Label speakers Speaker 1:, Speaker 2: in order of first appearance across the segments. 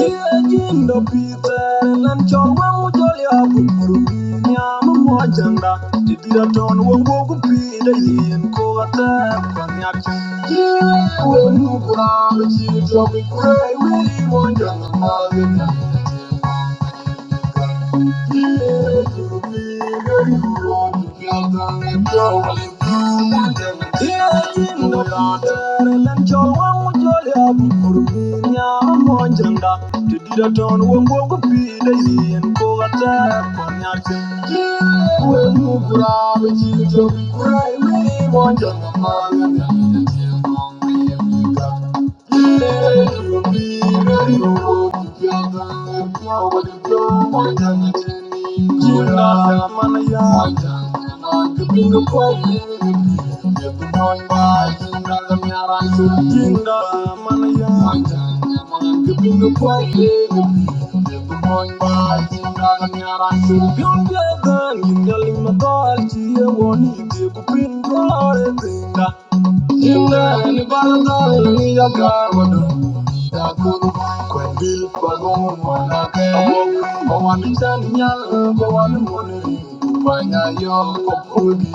Speaker 1: Irajindo pite nan chorwa mujolya kukuruki nyama mwajanda Tidira ton wongwo kupide yin kuwate kanyak Jiwe we nukura mchitwa kukure we mwajanda mwajanda Thank you. You're the girl in the dark, you want to be a good Inani balada ni ya kawada. Yakuru kwendil pagong manake. Owan chanyal bawan mone. Banya yo kopudi.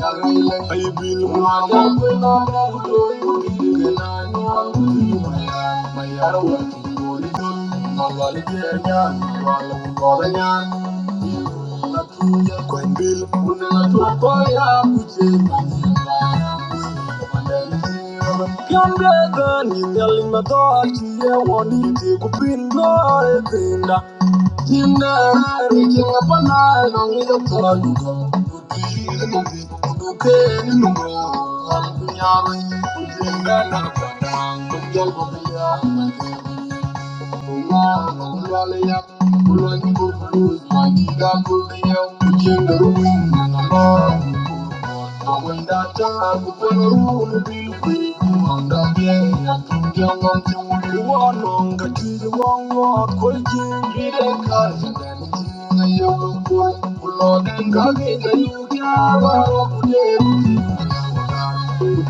Speaker 1: Yagaile aibil mwana kwena mwato yudi gena nyal kudi maya. Mayara wati kodi dul. Malwali kenya. Malwali kodanya. Thank you.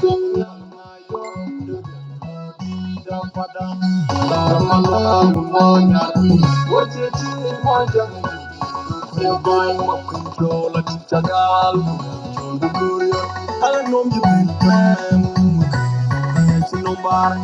Speaker 1: Thank you. Thank you.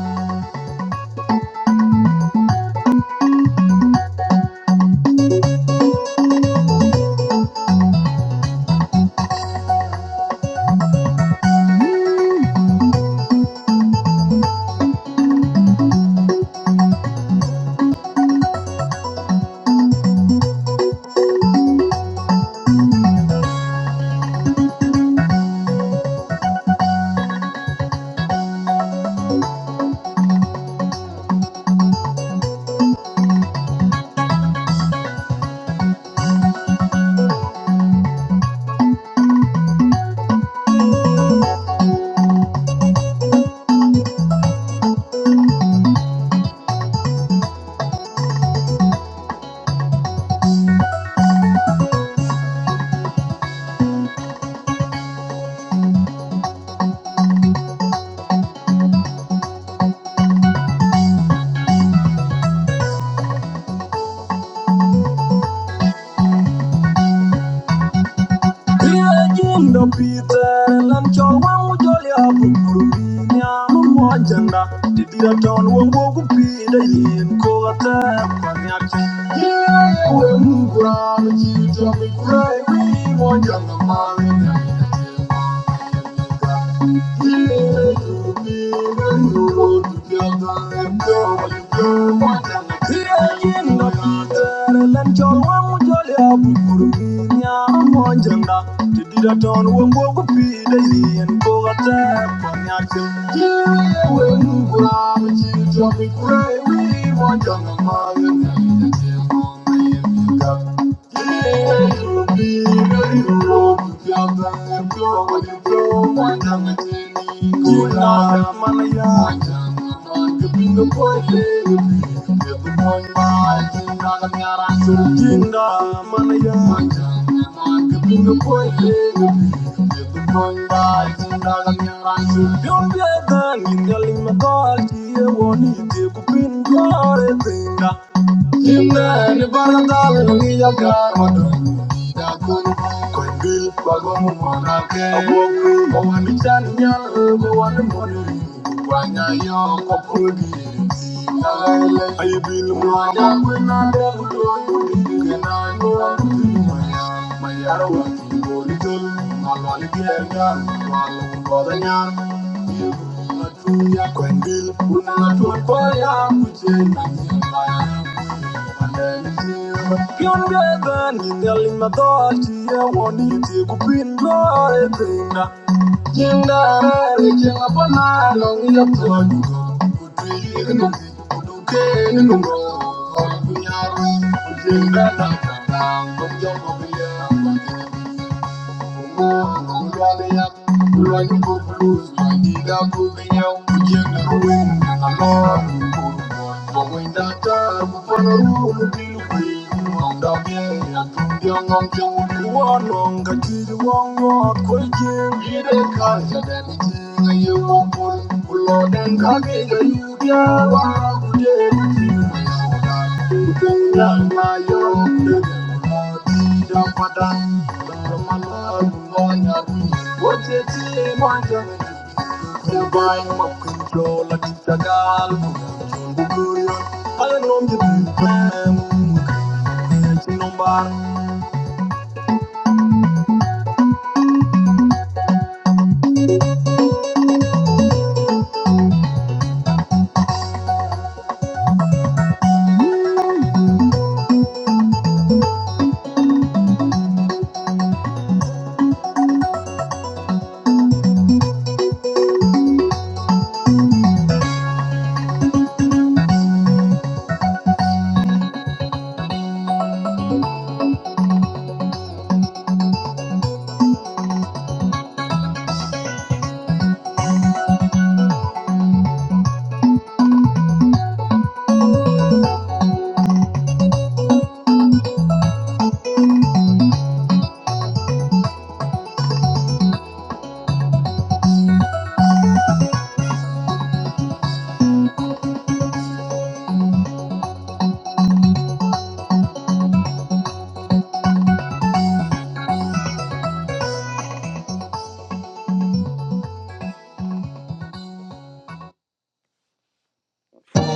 Speaker 1: Iyajin dom pite beat chol wang u jol ya buburu pi nyam mo janda di dira ton wang wo ku pi da yin ko ate kwa nyak Iyaye we mu kura mi chi tra mi kura e wi mo janda Thank you. Jinda manaya, Jinda manaya, Imran Banadal Nia Karmadu Dakun Kwangil Bagom Manake Awoku Owani Chanya Gowan Moni Wanya Yo Kokudi Aybil Mwanya Wina Del Yon gadan telling my dog here one to kupin glory tinga Tinga reaching upon a long yap Tinga Thank you.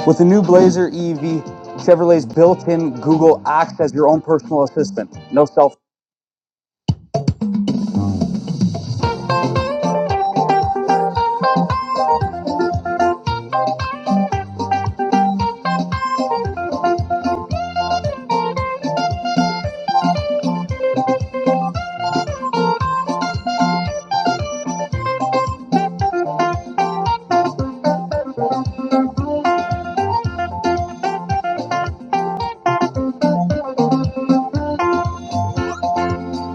Speaker 1: With the new Blazer EV, Chevrolet's built-in Google acts as your own personal assistant. No self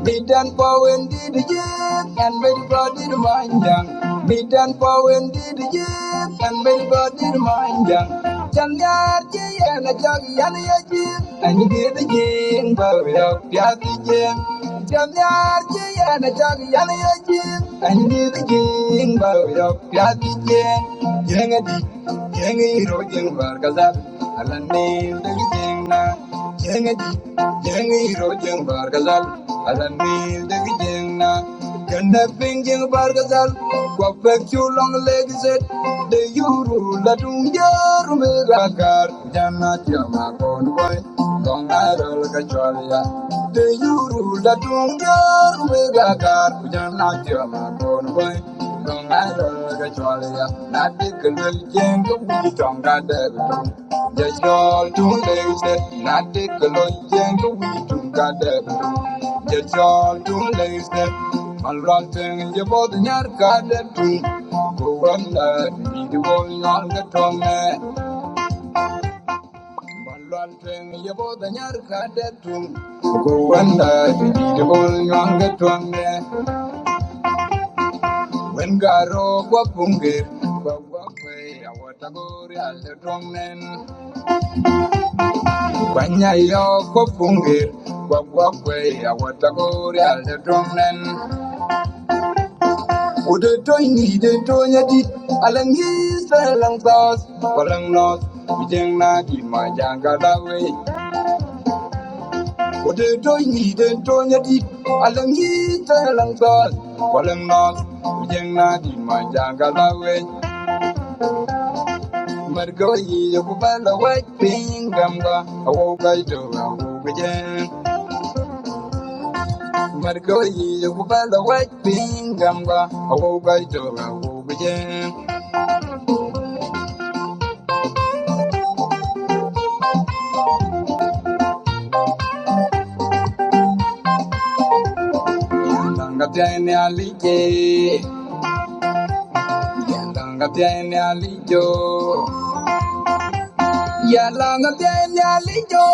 Speaker 1: Bidan Powen did yet, and very body mind down. Bidan Powen did yet, and very body mind down. Changar Jay and a jog Yanayaki, and you did again, Bowie of Yaki Jim. Changar Jay and a jog Yanayaki, and you did again, Bowie of Yaki Jim. Yang a dick, Yang a hero, Yang Barkazar. Alanni dagijengna jengaji jengi rojeng bargazal Alanni dagijengna ganda pingjeng bargazal kwapek chulong legizet de yuru latung jana tiama konvoy long arol kachwalia de yuru latung jana tiama konvoy Thank you. When Garo Wapunge, Wapwe, Awatagore, Aldomen, Wanyayo Wapunge, Wapwe, Awatagore, Aldomen, would the toy need a toya di Alangis, Alangos, Walangnos, Vijangna, Imajangalawe, would the toy need a toya di Alangis, Alangos, Walangnos, Vijangna, Imajangalawe. Margo yi ku bala wai pingamga awogai to awogajen. Margo yi ku bala wai pingamga awogai to awogajen. Yandanga tiene alije, yandanga tiene alijo, yandanga tiene alijo.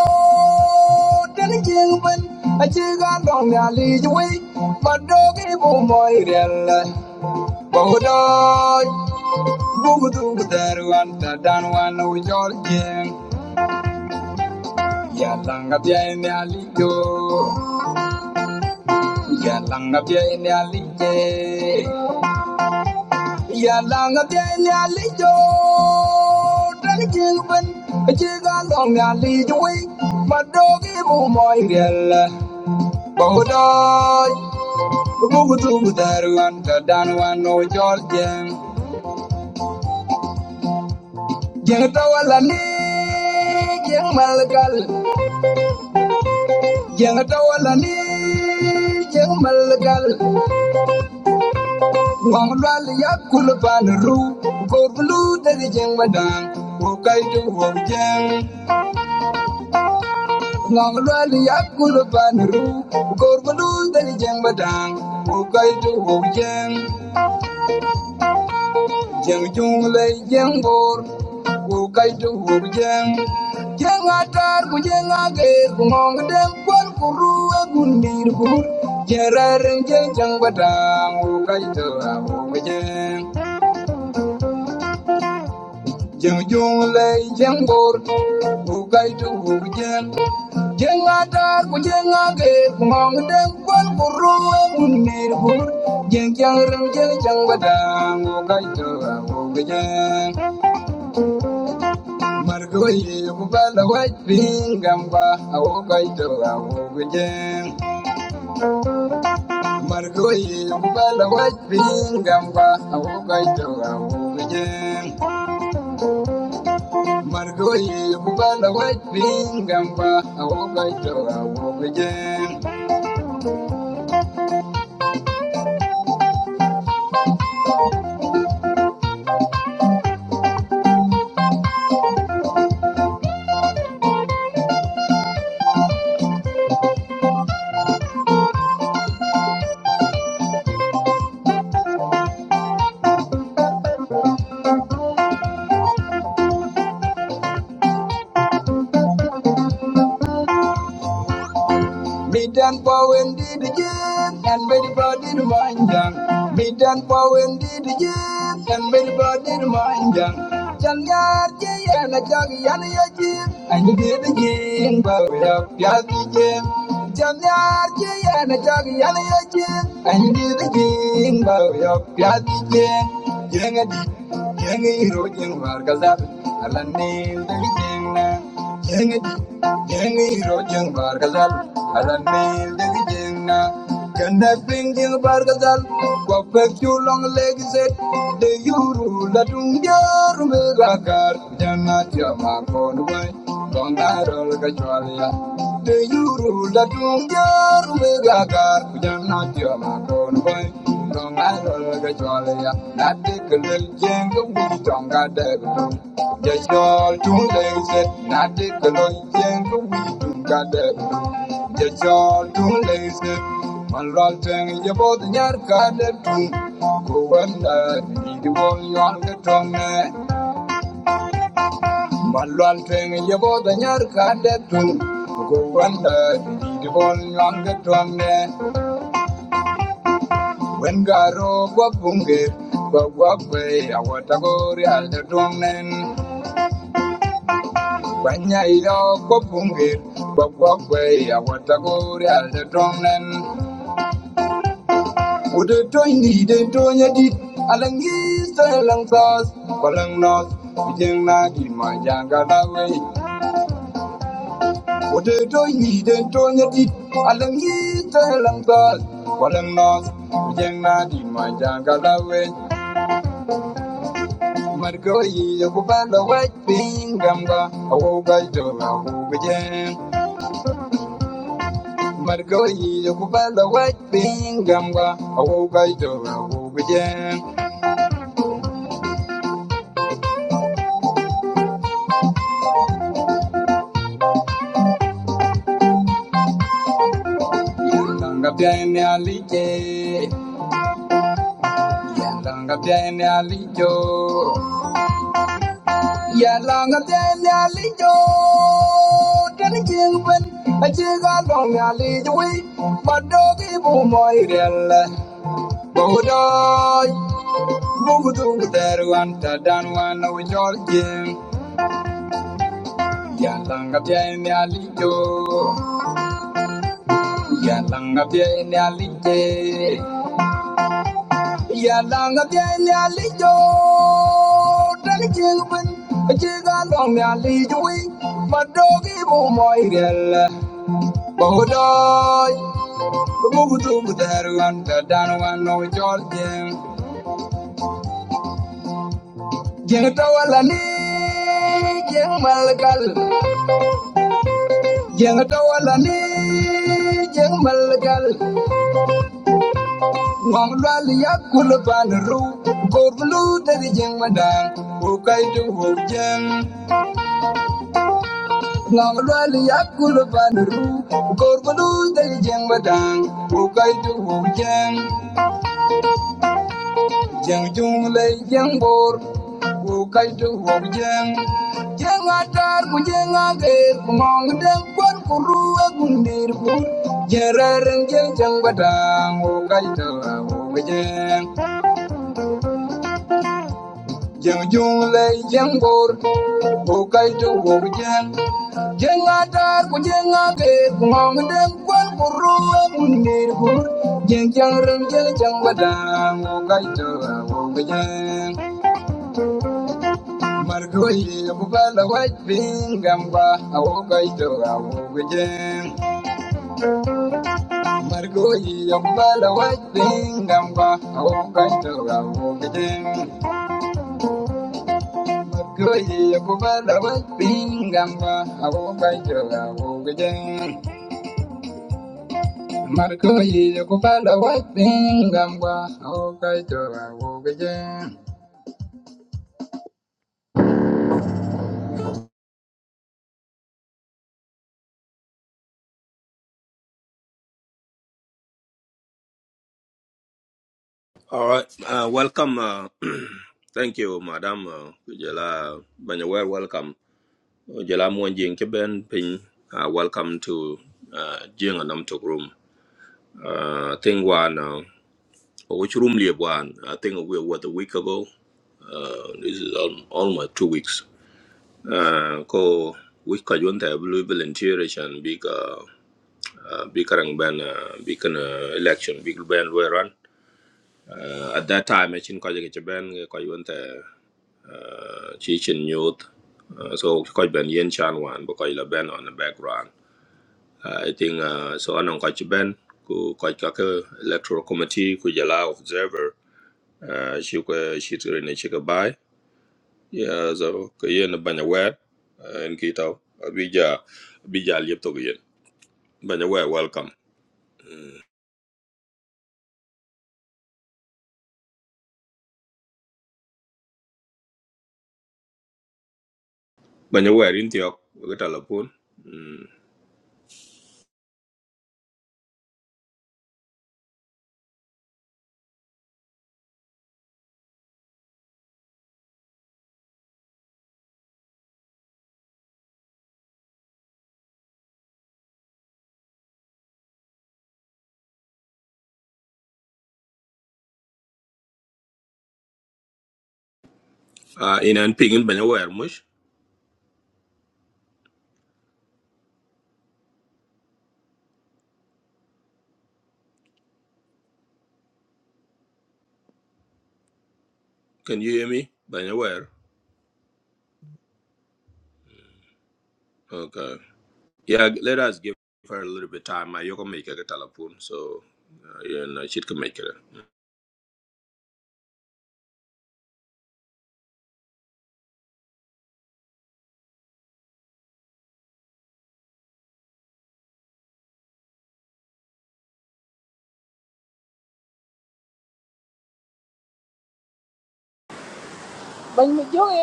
Speaker 1: Then again when I check on the alijo but dog it my real. Bodo Bugudu budaru anta danwana ujoljen Yalanga pia ene alijo Yalanga bia ene alije Yalanga bia ene alijo Dali jilben Jiga long alijo we Madogi bumoy riel Bahudoy Bugudu budaru anta danwana ujoljen Jeng tawala ni Jeng malgal Jeng tawala ni jeng malgal wang lwal yakul ru kor blu dari jeng madang wo kai tu wo jeng ru kor blu dari jeng madang wo kai Jeng chung lay jeng bor Ku kay tu wu jeng Jeng atar ku jeng agir Ku ngong dem kuan kuru rua gun dir Jeng rareng jeng jeng badang Ku kai tu wu jeng Jeng chung lay jeng bor Ku kay tu wu jeng Jeng atar ku jeng agir Ku ngong dem kuan kuru rua gun Jeng jeng reng jeng jeng badang Ku kay tu wu jeng Margoye mubala wajbinga mba awogaito awogujen. Margoye mubala wajbinga mba awogaito awogujen. Margoye mubala wajbinga mba awogaito awogujen. Bidan pawen di di and bedi body di manjang. Bidan pawen di di and bedi body di manjang. Jan yar je yana jag yana ya je, and di di jen bawe ya pya di jen. Jan yar je yana jag yana ya and di di jen bawe ya pya di Yang Jenga yang jenga iro jeng warga zar, alan ni di jen Thank you. Don't Thank you. Wengaro gwa bunge gwa gwa gwe ya watagori alda dongnen Banya ilo gwa bunge Ude toini de tonya dit alangi salang sas balang nos Bijeng na di majanga lawe Ude toini de tonya dit alangi salang sas balang nos Bijeng na di majanga lawe Margoyi yokubanda wapingamba awogaitora ugujen Margoyi yokubanda wapingamba awogaitora ugujen Yandanga byane alije Yandanga byane alijo Yandanga byane alijo Tani jingwen ajiga dong alijo wi madogi bu moirel Bodoy Mugudu deru anta danwa no jorgin. Yalanga pye ni alijo. Yalanga pye ni alije. Yalanga pye ni alijo. Dali jingwin. Jiga long ni alijo Madogi bu moi gel. Bodoy. Bugudu deru anta danwan no jorgin. Jeng tawala ni. Jeng malgal. Jeng tawala ni jeng malgal ngong lwal yakul pan ru korlu dari jeng madang ukai tu hu jeng ngong lwal yakul pan ru korlu dari jeng madang ukai tu hu jeng Jeng jung lay jeng bor ku kai tu hok jeng jeng atar ku jeng ager ku ngong deng kwan ku rua gundir ku jeng rareng jeng jeng badang ku kai tu hok jeng jeng jung lay jeng bor ku kai tu hok jeng jeng atar ku jeng ager ku ngong deng kwan ku rua gundir ku jeng jeng reng jeng jeng badang ku kai tu hok jeng Margoye bala white bingamba awogaito awogejem Margoye bala white bingamba awogaito awogejem Margoye bala white bingamba awogaito awogejem Margoye bala white bingamba awogaito awogejem
Speaker 2: All right. Uh, welcome. Uh, thank you, Madam. Uh, Jela Banyawer, welcome. Jela Mwanjing Kiben Ping. Uh, welcome to uh, Jing and Namtok Room. Uh, I one, uh, which room live one? I think we were a week ago. Uh, this is al- almost two weeks. Uh, ko week ka junta blue volunteer and big uh, uh, big karang ban uh, big uh, election big ban we run. Uh, at that time, I think ko jike ben ko uh, chi youth uh, so quite ben yen chan wan bo ko la ben on the background uh, i think uh, so anong ko ben ku ko ka ke electoral committee ku jala observer uh, shi ko shi tre ne shi ka bai ya so ko yen banya wer uh, en ki taw welcome banya wer in tiok ko ta la pun uh, in an ping in banya mush can you hear me banya okay Yeah, let us give her a little bit of time. I yoko make a telephone, so uh, yeah, no, she can make it.
Speaker 3: But me joy.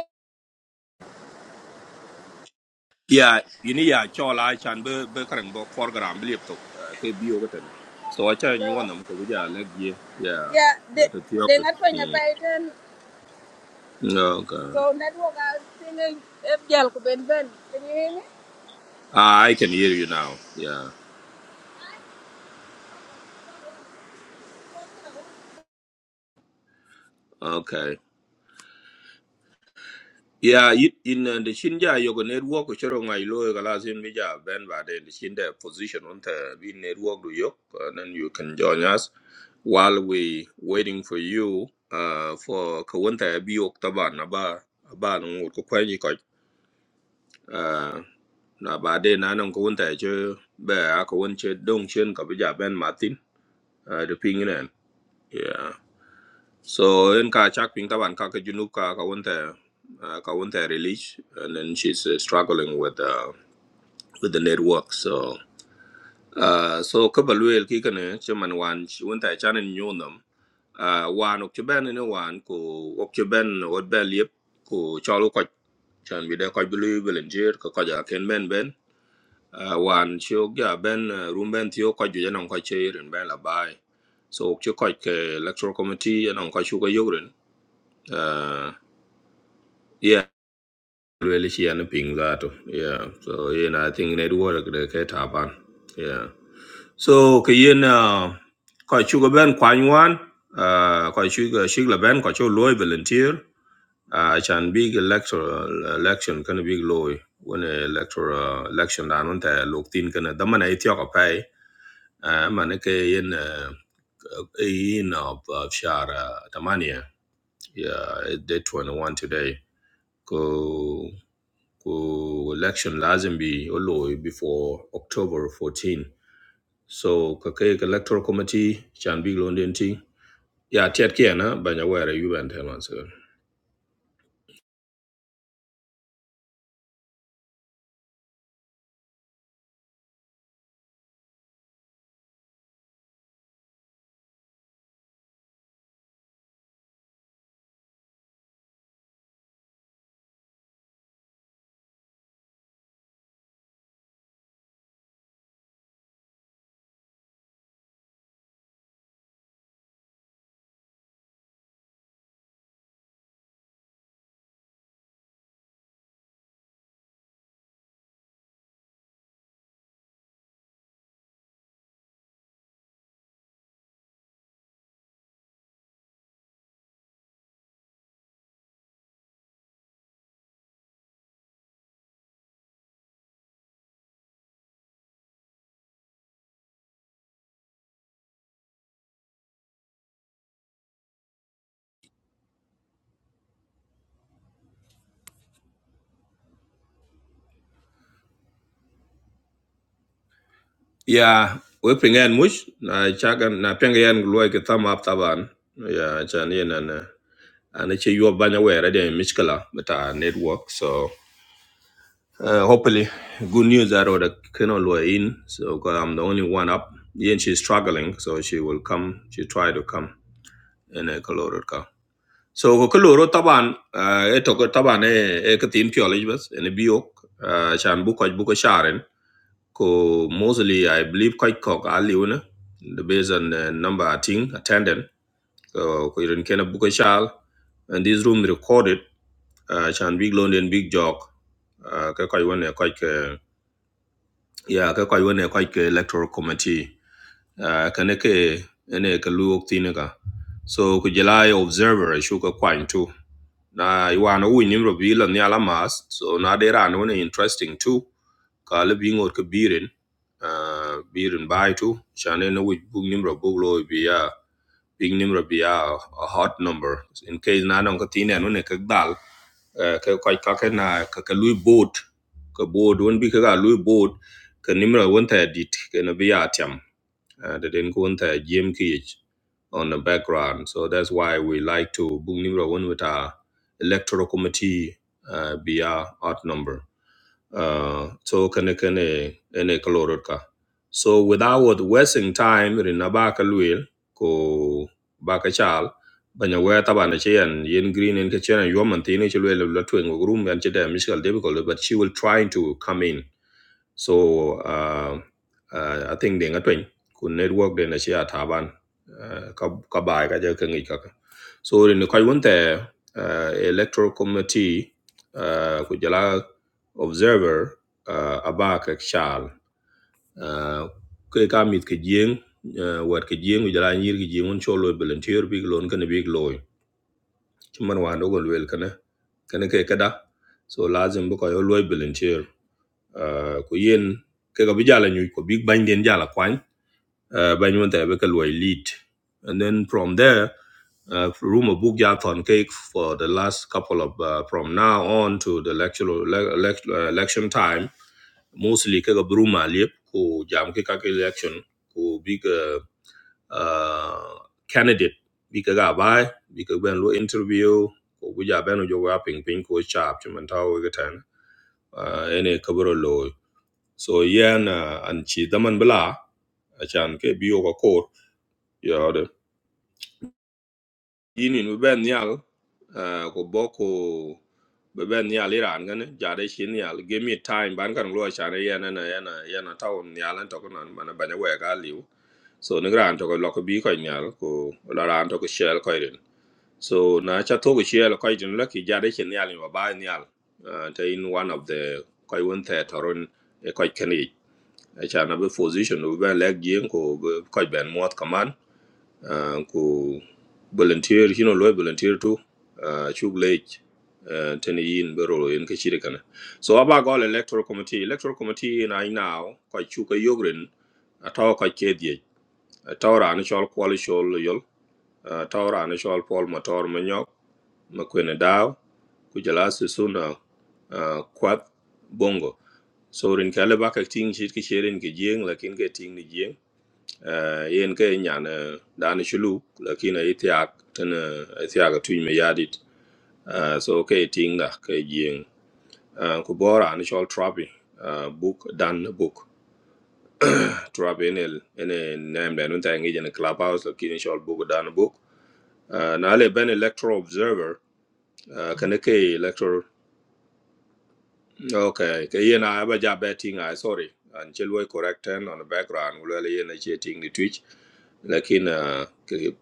Speaker 2: Yeah, you need a chola chan be be karang bo program believe to ke bi yoko So I chan you
Speaker 3: No.
Speaker 2: want them ko bija leg ye yeah
Speaker 3: Yeah, they
Speaker 2: yeah, to the
Speaker 3: they
Speaker 2: okay.
Speaker 3: not paying
Speaker 2: Mm.
Speaker 3: attention.
Speaker 2: No, Okay,
Speaker 3: So network I think if y'all could bend bend. Can you hear me?
Speaker 2: Ah, I can hear you now. Yeah, okay. Yeah, it, in uh, the Shinja yoga network choro ngai lo kala sin bija ben ba de the Shinja position on the we network do yok and then you can join us while we waiting for you uh for kawanta bi ok taba na ba ba no ko kwani ko uh na ba de na no kawanta che ba kawanta che dong chen ka bija ben martin uh the ping in yeah so in ka chak ping taban ka ka junub ka ka wonte uh, ka wonte release and then she's uh, struggling with uh, with the network so uh, so ka baluel ki kana chaman wan chi wonte chanen nyonam uh, wan ok chben ne wan ko ok chben od beliep ko chalo ko chan bi de ko bulu volunteer ko ko ja ken ben ben uh, wan chi ok ja ben uh, rum ben ti ok ju janan ko che ren ben la bai so ok chi ko ke electoral committee janan ko chu ko yogren Yeah, really she and ping that. Yeah. So you know, I think network the cat happen. Yeah. So kayin uh quite sugar ben kwan yuan, uh quite sugar sugar ben quite your loy volunteer. Uh chan big electoral election can big loy when a electoral uh, election down on the look thin can a daman a tiok a pay. Uh man a kayin uh uh, in uh, of uh, of shara tamania. Yeah, day twenty one today. Go ku election lazim bi olo before October 14. So kake electoral committee chan big loan den Ya tiat kia na banya wera yuba and ten once Ya we pingen mush na chagan na pengen loy ke thumb up taban. Ya chan yen and uh, and it's you banya wera den miskala but uh, network so uh, hopefully good news that or the kino loy in so cause I'm the only one up. Yen she's struggling so she will come she try to come in a coloured car. so ko keloro taban eh, e toko taban e e katin pioli bas ene biok eh, chan bu ko bu ko sharen ko mostly i believe ko ko ali una the based on the number of thing attendant so ko irin kena bu ko shal and this room recorded uh, chan big london big jog uh, ka ko wona ko ke ya ka ko wona ko ke electoral committee uh, ka ne ke ene ka luok tinga so ku jelai observer shuka kwantu na iwan wi nimro bi lan ya lamas so na de ran one interesting too ka le bi ngor ke birin uh birin bai tu chane no wi bu nimro bu lo bi ya big nimro bi ya a hot number in case na non ka tine no ne ka dal eh, ka ka ka na ka ka lui boat ka boat won bi ka ga lui boat ka nimro won ta dit ke no bi ya tiam Uh, de den ko won ta jem ki on the background. So that's why we like to book number one with our electoral committee uh, be our odd number. Uh, so kene kene ene kalorot So without wasting time rin abaka luil ko baka chal banya wea taba na chen yen green in kitchen and yoman tini chilwe la twing room and chida mishkal difficult but she will try to come in so uh, uh, i think ding atwen ku network de asia chia taban uh, ka ka bai ka je ka ka ka. so in ka won te uh, electoral committee uh, ku jala observer uh, aba ka shal uh, ke ka mit ke jing uh, wat ke jing ku jala nyir ke jing won cholo volunteer big lon kan big loy chuman wa ndo gol wel kana kana ke kada so lazim bu ko yo loy volunteer uh, ku yen ke ga bijala nyu ko big bang den jala kwan uh, ba nyu ta be ka loy lead and then from there uh, room a book ja ton cake for the last couple of uh, from now on to the lecture le- elect- uh, election time mostly ke ga bruma lep ko jam ke ka ke election ko big uh, uh, candidate bi ka ga bai bi ka ben lo interview ko bu ja ben jo wa ping ping ko chap chuman taw ga tan uh, ene kaburo so yen uh, an chi daman bla achan ke bio ko kor yode yinin be ben nyal uh, ko boko be ben nyal iran gan jare shin nyal give me time ban kan lo achan yen na yen yen taun nyal an to ko nan man banya we ga liu so ne gran to ko lo ko bi ko nyal ko la ran to ko shel ko irin so na cha to ko shel ko irin la ki jare shin nyal ni ba ba nyal uh, te in one of the ko won the toron e ko acan be position obï bën lëk jïng ku bï köc bën mwöth kaman ah, ku volunteer hino olwëy volunteer to ah, acuk lec ah, tën yïn bï rolo yen so aba göl electoral committee electoral committee na now köc chuka eyok rïn atö köc ke dhiec atö raan cöl kwöl col yöl atö raan cöl pol matör manyök më kwene daö ku jala sisuna kwat bongo so rin kala ba ka ting shit ki sherin ki jeng lakin ka ting ni jeng uh, yen ka nyan uh, dan shulu lakin ay tiak tan ay tiak tu me yadit uh, so ka ting da ka jeng uh, ku bora an shol trapi uh, book dan book trapi enel ene nem da nun ta ngi jene clubhouse lakin shol book dan book uh, na le ben electoral observer uh, kana ka electoral okay ka yen a ba ja betting i sorry and chelwe correct ten on the background wala yen a che ting ni twitch lakin uh, ke-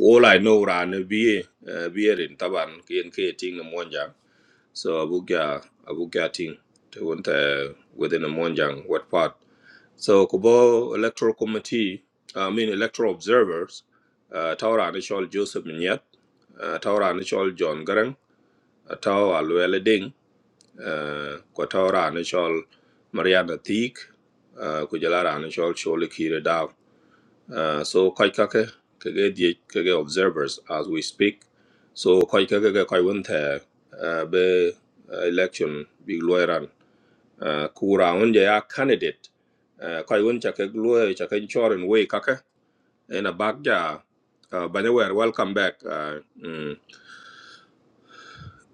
Speaker 2: all I know ran be be in taban kien ke ting monjang so abuga abuga ting to want uh, within a monjang what part so kubo electoral committee I mean electoral observers uh, tawra ni Joseph Minyat, uh, tawra ni John Garang uh, tawra Luele Ding uh, kwa tawra ni Mariana Thiek uh, kujalara ni shol Shirley Kire Dav. Uh, so koi kake kage die kage observers as we speak. So koi kage kage koi wente uh, be uh, election big lawyeran. Uh, kura unje ya candidate uh, koi wente kage lawyer kage insurance way kake in a bagja uh, Banyawer, welcome back. Uh, mm,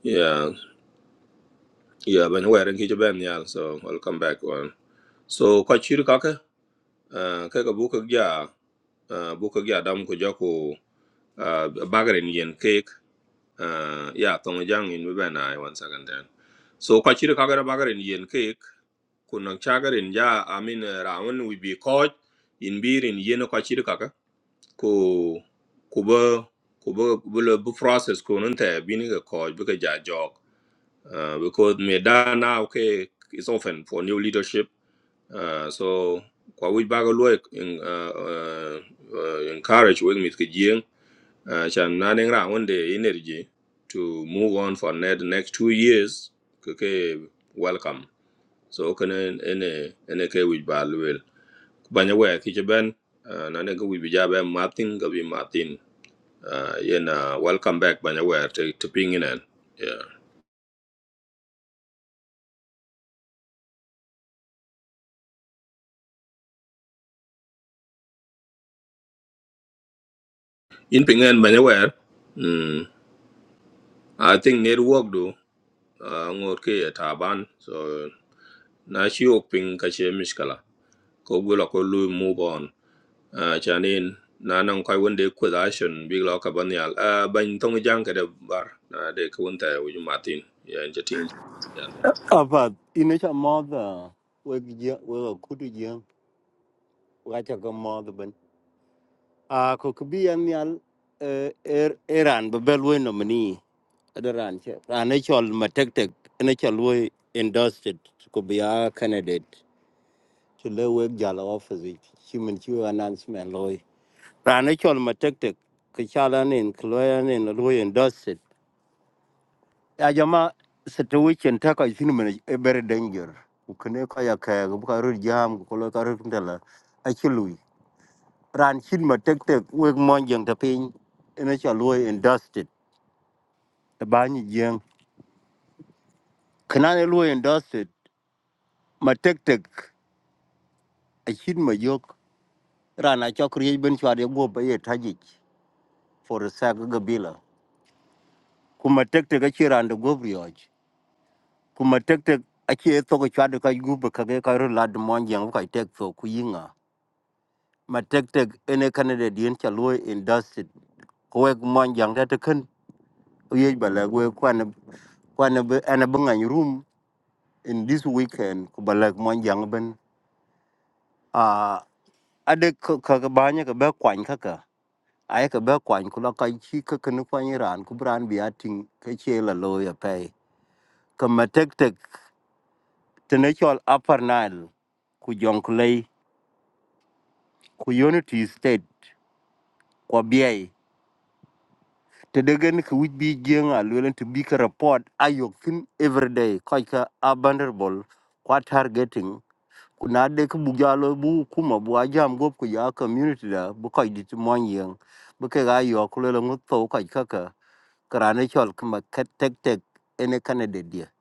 Speaker 2: yeah, yeah, Banyawer and Kijaben, yeah, so welcome back. One. So, quite sure, Kaka, uh, Kaka Buka Gya, uh, Buka Gya Dam Kujako, uh, Bagarin Yen Uh, yeah, Tongjang in we na one second then. So Kachira Kagara Bagar in Yen Cake, Kunang Chagar in Ja, I mean, Rawan we be coach. in beer in Yeno Kachira Kaka, Ko Kuba Kuba Bula Bu process Kununta, being a coach, because Ja jog. Uh, because me da now, okay, is often for new leadership. Uh, so Kwa we bagaloi in uh, uh, uh, encourage with me uh, chan ra one energy to move on for net next two years Okay, welcome so kene ene ene ke wij ba luel banya we ki ben uh, na ne ga wij ja ben martin ga martin uh, yena welcome back banya we to, to ping in en. yeah in ping in banya we mm, i think network do uh, ngor ke taban so na shi ok ping ka che miskala ko gula ko lu move on uh, chanin na nan kwai wanda big law ka ban yal uh, ban tong jang ka da bar na da ka wanta ya wuji ya in jatin yan
Speaker 4: Apa, ini cak mother. Wek jeng, wek kudu jeng. Wacha ke mother ben. Ah, ko kebian nial er eran bebel we nomini. Ada ran cak. Ran e chol ma tek tek. Ene chol we endorsed. Ko be a candidate. To Chile wek jala office. it. Chimin chiu announcement loy. Ran e chol ma tek tek. Kechalan in, keloyan in, loy endorsed. ya jama sata weekend ta ka shin mena e very danger ukne ka ya ka ga ka ru jam ko lo ka ru ndala a chilui ran shin ma tek tek we mon jeng ta pin ina cha lo in dusted ta ba ni jeng kana ne lo in dusted ma tek tek a shin ma yok rana cha kri ben chwa de go ba ye taji for sa ga bila kuma tek tek a chi ran da go brioch kuma tek tek a chi e to ka chwa de ka gu ba ka ge ka ru lad mon jeng ka tek so ku yinga ma tek tek ene Canada dien cha loy industry ko ek mon jang ta ken ye bala we kwan kwan be ana bangan room in this weekend ko bala mon jang ben a ade ka ka ka banya ka ba kwan ka ka ay ka ba kwan ko la kai chi ka ken kwan ran ku bran bi atin ka che la loy pe ka ma tek tek tene chol upper nile ku jonglei ku unity state ko biai te degen ki wich bi jeng a lwelen to bi ka report ayok thin every day koy ka abandonable kwa targeting kuna de ki bu jalo bu kuma bu ajam gop ku ya community da bu koy dit mon yeng bu ke ga yo ku lele ngut to koy ka ka karane chol kuma ka tek tek ene kanade dia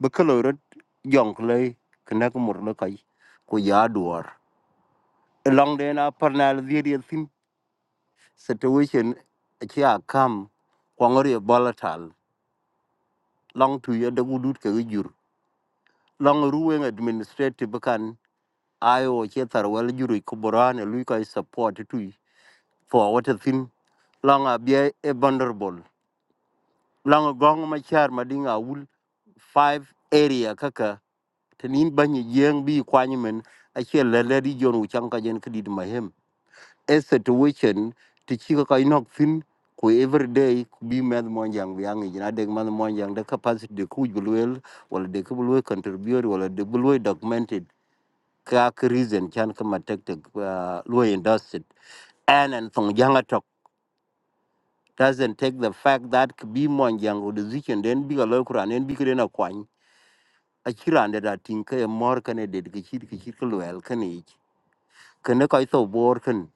Speaker 4: bu ka lo rot jong le kana ku mur le koy ku ya duor long de na parnal dia dia thin situation a chi a kam kwangori volatile long tu ye de gudut ke gi long ruwen administrative kan ayo che tar wel juri ko lui kai support tu for what a thin long a bie e vulnerable long gong ma char ma dinga wul five area kaka tenin banyi yeng bi kwanyi men a che lele di jonu chanka jen kidid mahem a situation ti chi ka nok thin ku every day ku bi med mon jang bi angi na de man mon jang de capacity de ku bulwel wala de ku bulwel contribute wala de bulwel documented ka ka reason chan ka matek te lo industry and and from jang atok doesn't take the fact that k- bi mon jang o decision den bi ga lo kuran en bi ka akwany a chiran da tin ka e mor ka ne de ki chi ki chi ku wel ka ne kana kai to bor kan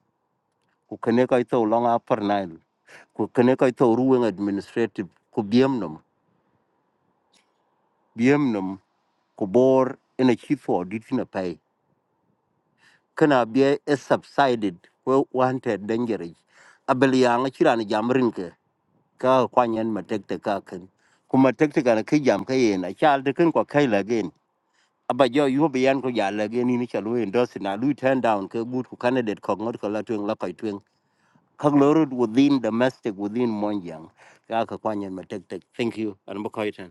Speaker 4: ku kana kai to long upper nile ku kene ko to ruwen administrative ku biem nom biem nom ku bor ina chi for dit na pay kana bie is subsided we wanted dangerous abel ya nga chira ni jamrin ke ka kwanyen ma tek tek ka ken kuma tek tek na kai jam kai yin, a chal de ken ko kai la gen aba jo yu be yan ko ya la gen ni chalu en dos na lu turn down ke gut ku candidate ko ngot ko la tuen la kai tuen ka lorud within domestic within monjang ka ka kwanyen ma tek tek thank you an ba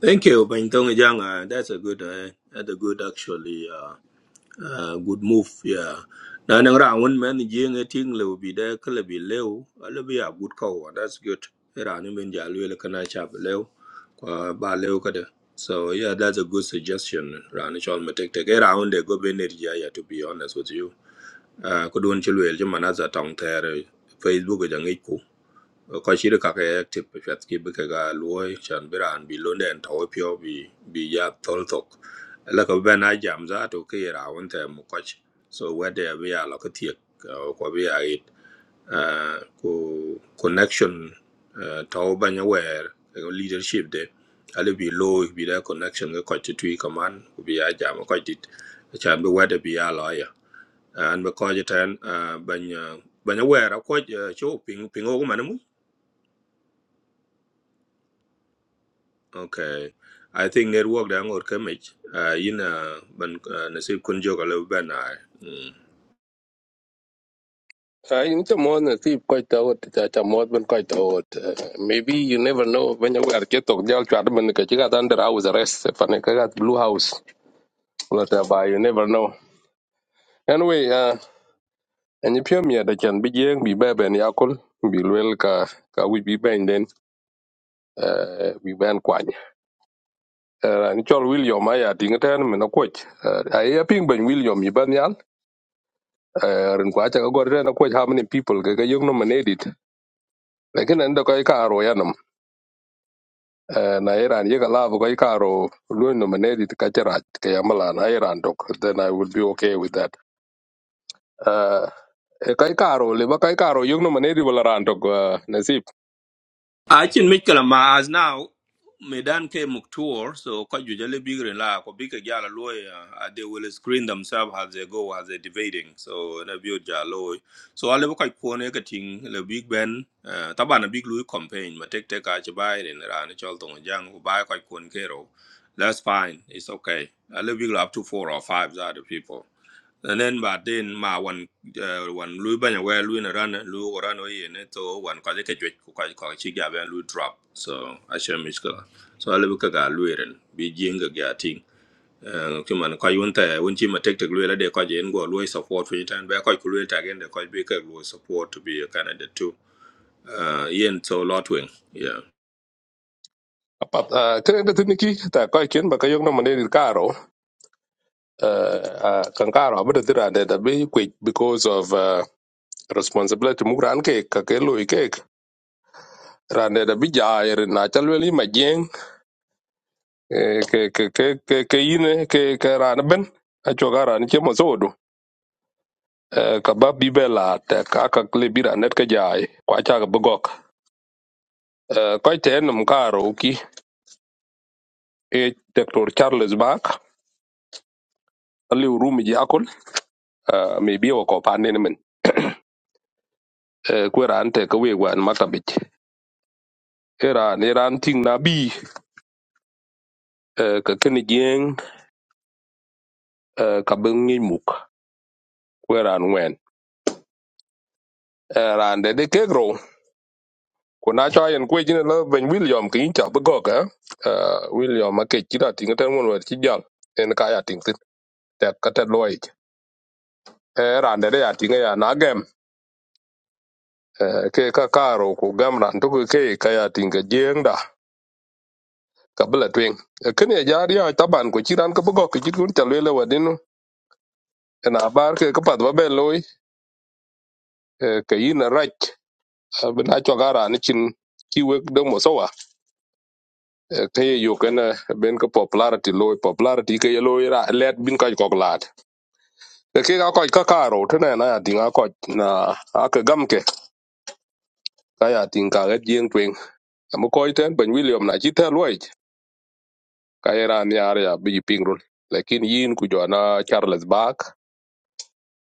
Speaker 2: thank you ban tong jang uh, that's a good uh, that's a good actually uh, uh, good move yeah na nan ra won man je nga ting le bi da ka le bi lew a le bi ya good call that's good ra ni men ja le kana cha bi lew kwa ba lew ka da So yeah, that's a good suggestion, Ran. It's all my take take around the go be near to be honest with you. à ko don chilwel chứ mà nó giờ tòng thè rồi facebook giờ ngay cũ có chỉ được các cái active phát cái bức cái lúa chẳng biết là anh bị lớn đèn thổi phiêu bị bị giá thổi thục là có bên ai giảm giá tụ cái rào vấn thè một cách so where there are là cái thiệt có bây giờ à có connection à, thấu bao nhiêu where cái leadership đấy ale bị lôi bị đã connection cái cách tụi command bị ai giảm cái cách chẳng biết where there be are là an ba ko jiten ban ban aware ko cho ping ping o man mu okay i think network da ngor kemich uh, yin ah, ban ah, nasib kun joga le ban ai
Speaker 5: Uh, in the morning, see quite out that a mod when quite out. Uh, maybe you never know when you are get to jail to admin because you got under house arrest. If I got blue house, but uh, but you never know. Anyway, uh, and if you're me, they can be young, be baby and yakul, be well, ka ka we be bang then, uh, we ban kwan. Uh, and chol William, I had in a ten minute coach. Uh, I hear ping ben William, you ban yal, uh, and quite a good how many people, ka ka yung nominated. Like in the kai ka aro Eh, na Iran yeka lava kwa ikaro luin nominated kachera kayamala na Iran dok then I would be okay with that. Uh, kai karo le ba kai karo yung nominated wala ran dok uh, nasib.
Speaker 2: Achin Michel ma as now Medan ke Muktur, so Kaju Jale Bigre La Kobika Jala Loy uh, they will screen themselves as they go as they're debating. So in a view Jalo. So I level quite poor negating the big ben uh Tabana big Louis campaign, but take take Achibai and Ran Cholton Jang who buy quite Kero. That's fine. It's okay. I level big up to four or five other people nen ba den ma wan eh, wan lu ba nya we lu na ran lu ko ran we ne to wan ka ke jwe ko ka ko chi ga ben lu drop so a she mi so ale bu ka ga lu ren bi jing ga ga ting E, ki man ko yun ta won chi ma Take tek lu la de ko je ngo lu support fi tan ba ko ku lu ta gen de bi ka lu support to be Canada too uh yen so lot wing yeah
Speaker 5: Apat uh, kren de tiniki ta kai ken ba kai yung nominated karo uh, uh, kan karo abada tiran de da be quick because of uh, responsibility mu ran ke ka ke lo ke ran de da bi jair na chalweli majeng eh, ke ke ke ke ke yine ke ke ran ben a choga ran che mo Eh, ka ba bibe la te ka ka kle bira net ka jai kwa cha ka bugok Eh, koi te enum karo ki e Dr. Charles Bach ali urumi ji akul eh, mi biwa ko pa nene men Eh, kwe ran te ka wegwa an maktabich e ran e ran ting na bi eh, ka kini jeng eh, ka bi ngi muk kwe ran wen Eh, ran de de kegro ko na cha yen kwe jine la ben William ki incha bugok eh Eh, William ma ke chida ting ten won wer chi jal en ka ya ting tek ka tet loic e rande de ya tinga ya na gem Eh, ke ka karo ku gam ran tuku ke ka ya tinga jeng da ka bela twing E kin ye jar ya taban ko chiran ka bugo ki chitun ta lele wadinu E, na bar ke ka pat ba be loy eh, ka yin rach bina cho gara ni chin ki wek de mo sowa Eh, ka ye yo ken eh, ben ka popularity loy popularity ke ye loy ra let bin ka ko lat ke ke ka ko ka karo tene na ya tinga ko na a ka gam ke ka ya tinga ga jeng twing Amu koi ten ben William na chi tel wai ka era ni are ya bi ping rul. Lakin yin ku jo na Charles Bark,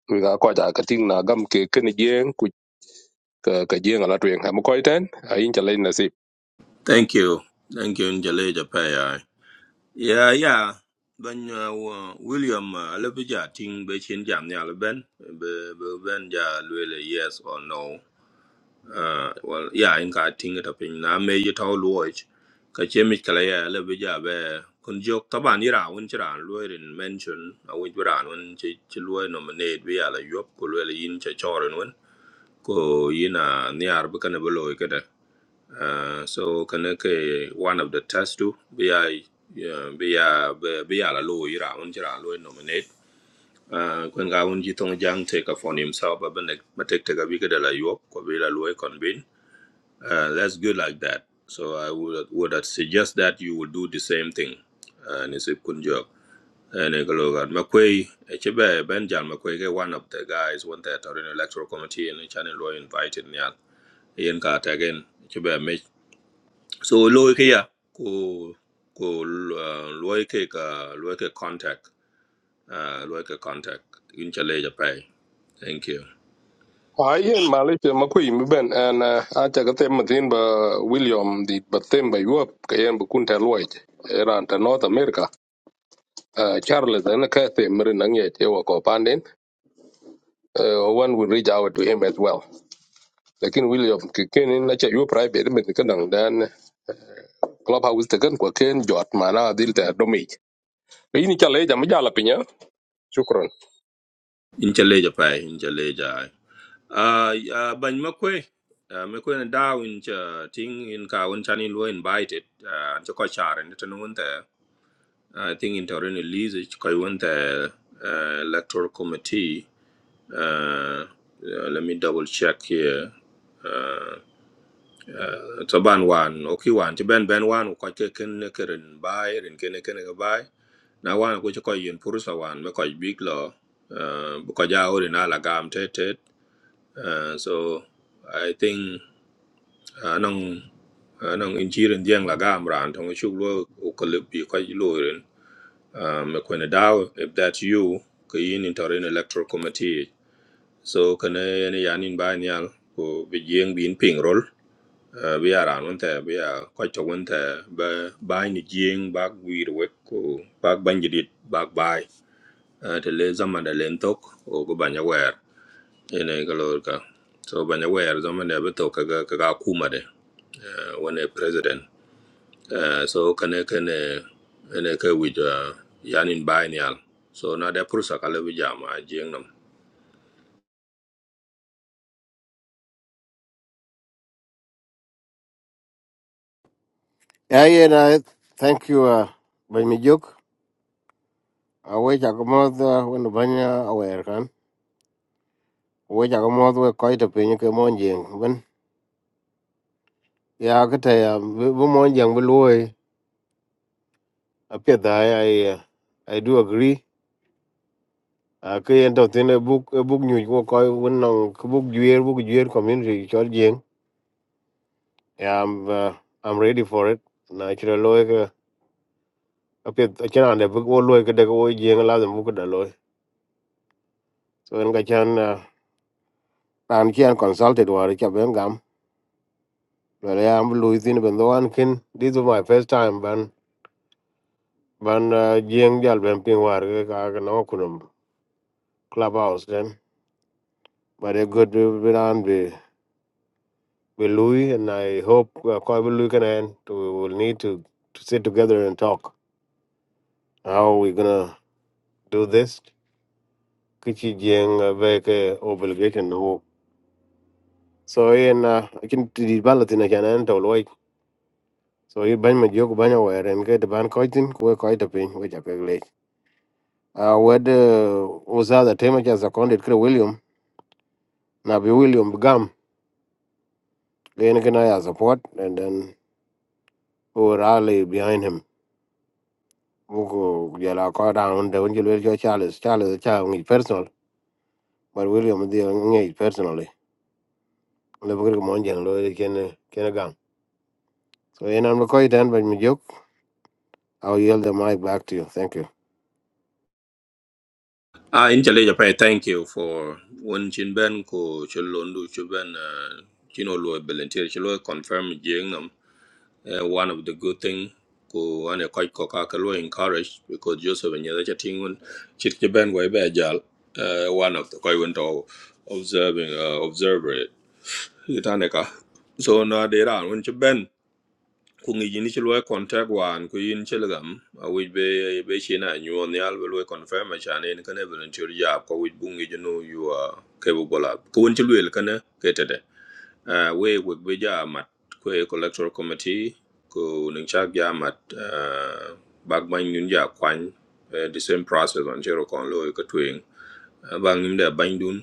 Speaker 5: ku ga ko ja ka ting na gam ke ken jeng ku ka ka jeng ala tuen. Amu koi ten a yin cha lein nasib.
Speaker 2: thank you thank you njale ja pa Yeah, yeah. Bên uh, William uh, là bây giờ tin bên trên giảm nhà là bên bên bên giờ yes or no. Uh, well, yeah, in cái tin cái tập hình là mấy cái thao lùi. Cái chế mình cái này là bây giờ về con dốc tập bản đi ra vẫn chưa ra lùi mention à vẫn chưa ra vẫn chỉ chỉ lùi nominate bây giờ là yếu của lùi là in chỉ cho rồi vẫn. Cô yên à nhà uh, so kana ke one of the test too we are yeah, we are we are a low ira un jira low nominate uh kun ga un ji tong jang take a for himself but ne ma take take a big de la yop ko we la low convene uh that's good like that so i would would suggest that you would do the same thing uh ni se kun jo ene ko lo ga ma kwe e che be ben jal ma ke one of the guys one that are in electoral committee and channel law invited nyal yen ka ta gen so lo ke ya ko ko uh, lo ke ka lo ke contact uh, lo ke contact in chale ja pai thank you
Speaker 5: Ai yen Malaysia ma kui mi ben an uh, a ka tem ma ba William di ba tem ba yuap ka yen bu kun tel wai. Era ta North America. Uh, Charles an ka tem mer na nge che wa ko pandin. Uh, one will reach out to him as well. Lakin William ke ken na cha yuap private men kan clubhouse te kan kwa ken jot mana dil te domich ini cha leja mjala pinya shukran
Speaker 2: in chale ja pai in chale ja ah uh, ban makwe uh, me ko na da in cha ting in ka un chani lo invited uh, cha ko char ni tan won ta i think in torin release ko won ta uh, electoral committee uh, uh, let me double check here uh, Eh, taban wan o ki wan ti ben ben wan ko ke ken ne keren bai ren ken ne ken ga bai na wan ko ko yin purusa wan me ko big lo eh, bu ko ja ori na la gam te te Eh, so i think eh, anong eh, anong injiren dieng la gam ran tong chu lo o ko le bi ko yi lo ren Eh, me ko ne daw if that you ko yin in torin electoral committee so kana ne yanin bai nyal ko bi jeng bin ping rol uh, we are around there we are quite a winter but by the jing back we work back bandit it, back by uh, the laser man the lentok or go banya in a galorka so banya wear the man ever talk a kuma de uh, when a president uh, so can a can a can a with uh, yanin biennial so now the pursa kala bijama
Speaker 6: Yeah, yeah, no, thank you, uh, by me joke. I wish I could mouth, uh, when the banya aware can. I wish I could mouth with quite a penny came on jing. When, yeah, I could tell you, we mon jing below, I appear I, uh, I do agree. I could end up in a book, a book new, you call when on book year, book year community, short jing. Yeah, I'm, uh, I'm ready for it. Natural lawyer, appear, I can't, the book, all lawyer, could take away jing, allow them book the lawyer. So, I'm going to, uh, I'm here consulted, what I can't Well, yeah, I'm Louisine. but the one kin. This is my first time, ban ban uh, jing jal ban ping war ke ka no kunum clubhouse then. But a good bit on be be Louis, and I hope uh, Koi will Louis can end. We will need to to sit together and talk how we gonna do this. Kichi jing veke obligation no. So in uh, I can di ballot in a can end all right. So you ban my jok ban aware and get the ban koitin kwe koitapin which I can uh, wed uh, usadha tema cha seconded kre william na be william gam len kina ya support and then who were rally behind him buku jala ko down de unjil wel jo charles charles cha ngi personal but william di ngi personally le bugri mo njen lo ken ken gam so en am ko iten by mi jok i'll yield the mic back to you thank you
Speaker 2: Ah, in chale japai, thank you for one chin ben ko chalondu chuben chino lo volunteer chalo confirm jing nam. Eh, One of the good thing ko ane quite ko kakalo encourage because Joseph and Yadacha Tingun chit ben wai be jal. eh, One of the koi went to observing uh, observer it. Itaneka. So na dera one ben ku ngi yini ci loy contact wan ku yin ci lagam a wi be be ci na ñu on yal be loy confirm cha ne ne kana volunteer ya ko wi bu ngi no you are capable of ko won ci loyel kana ke tede a we we be ja mat ko e ko electoral committee ko ne cha ja mat ah bag man ñun ja kwan eh, the same process on zero kon loy ko twing bang im da bang dun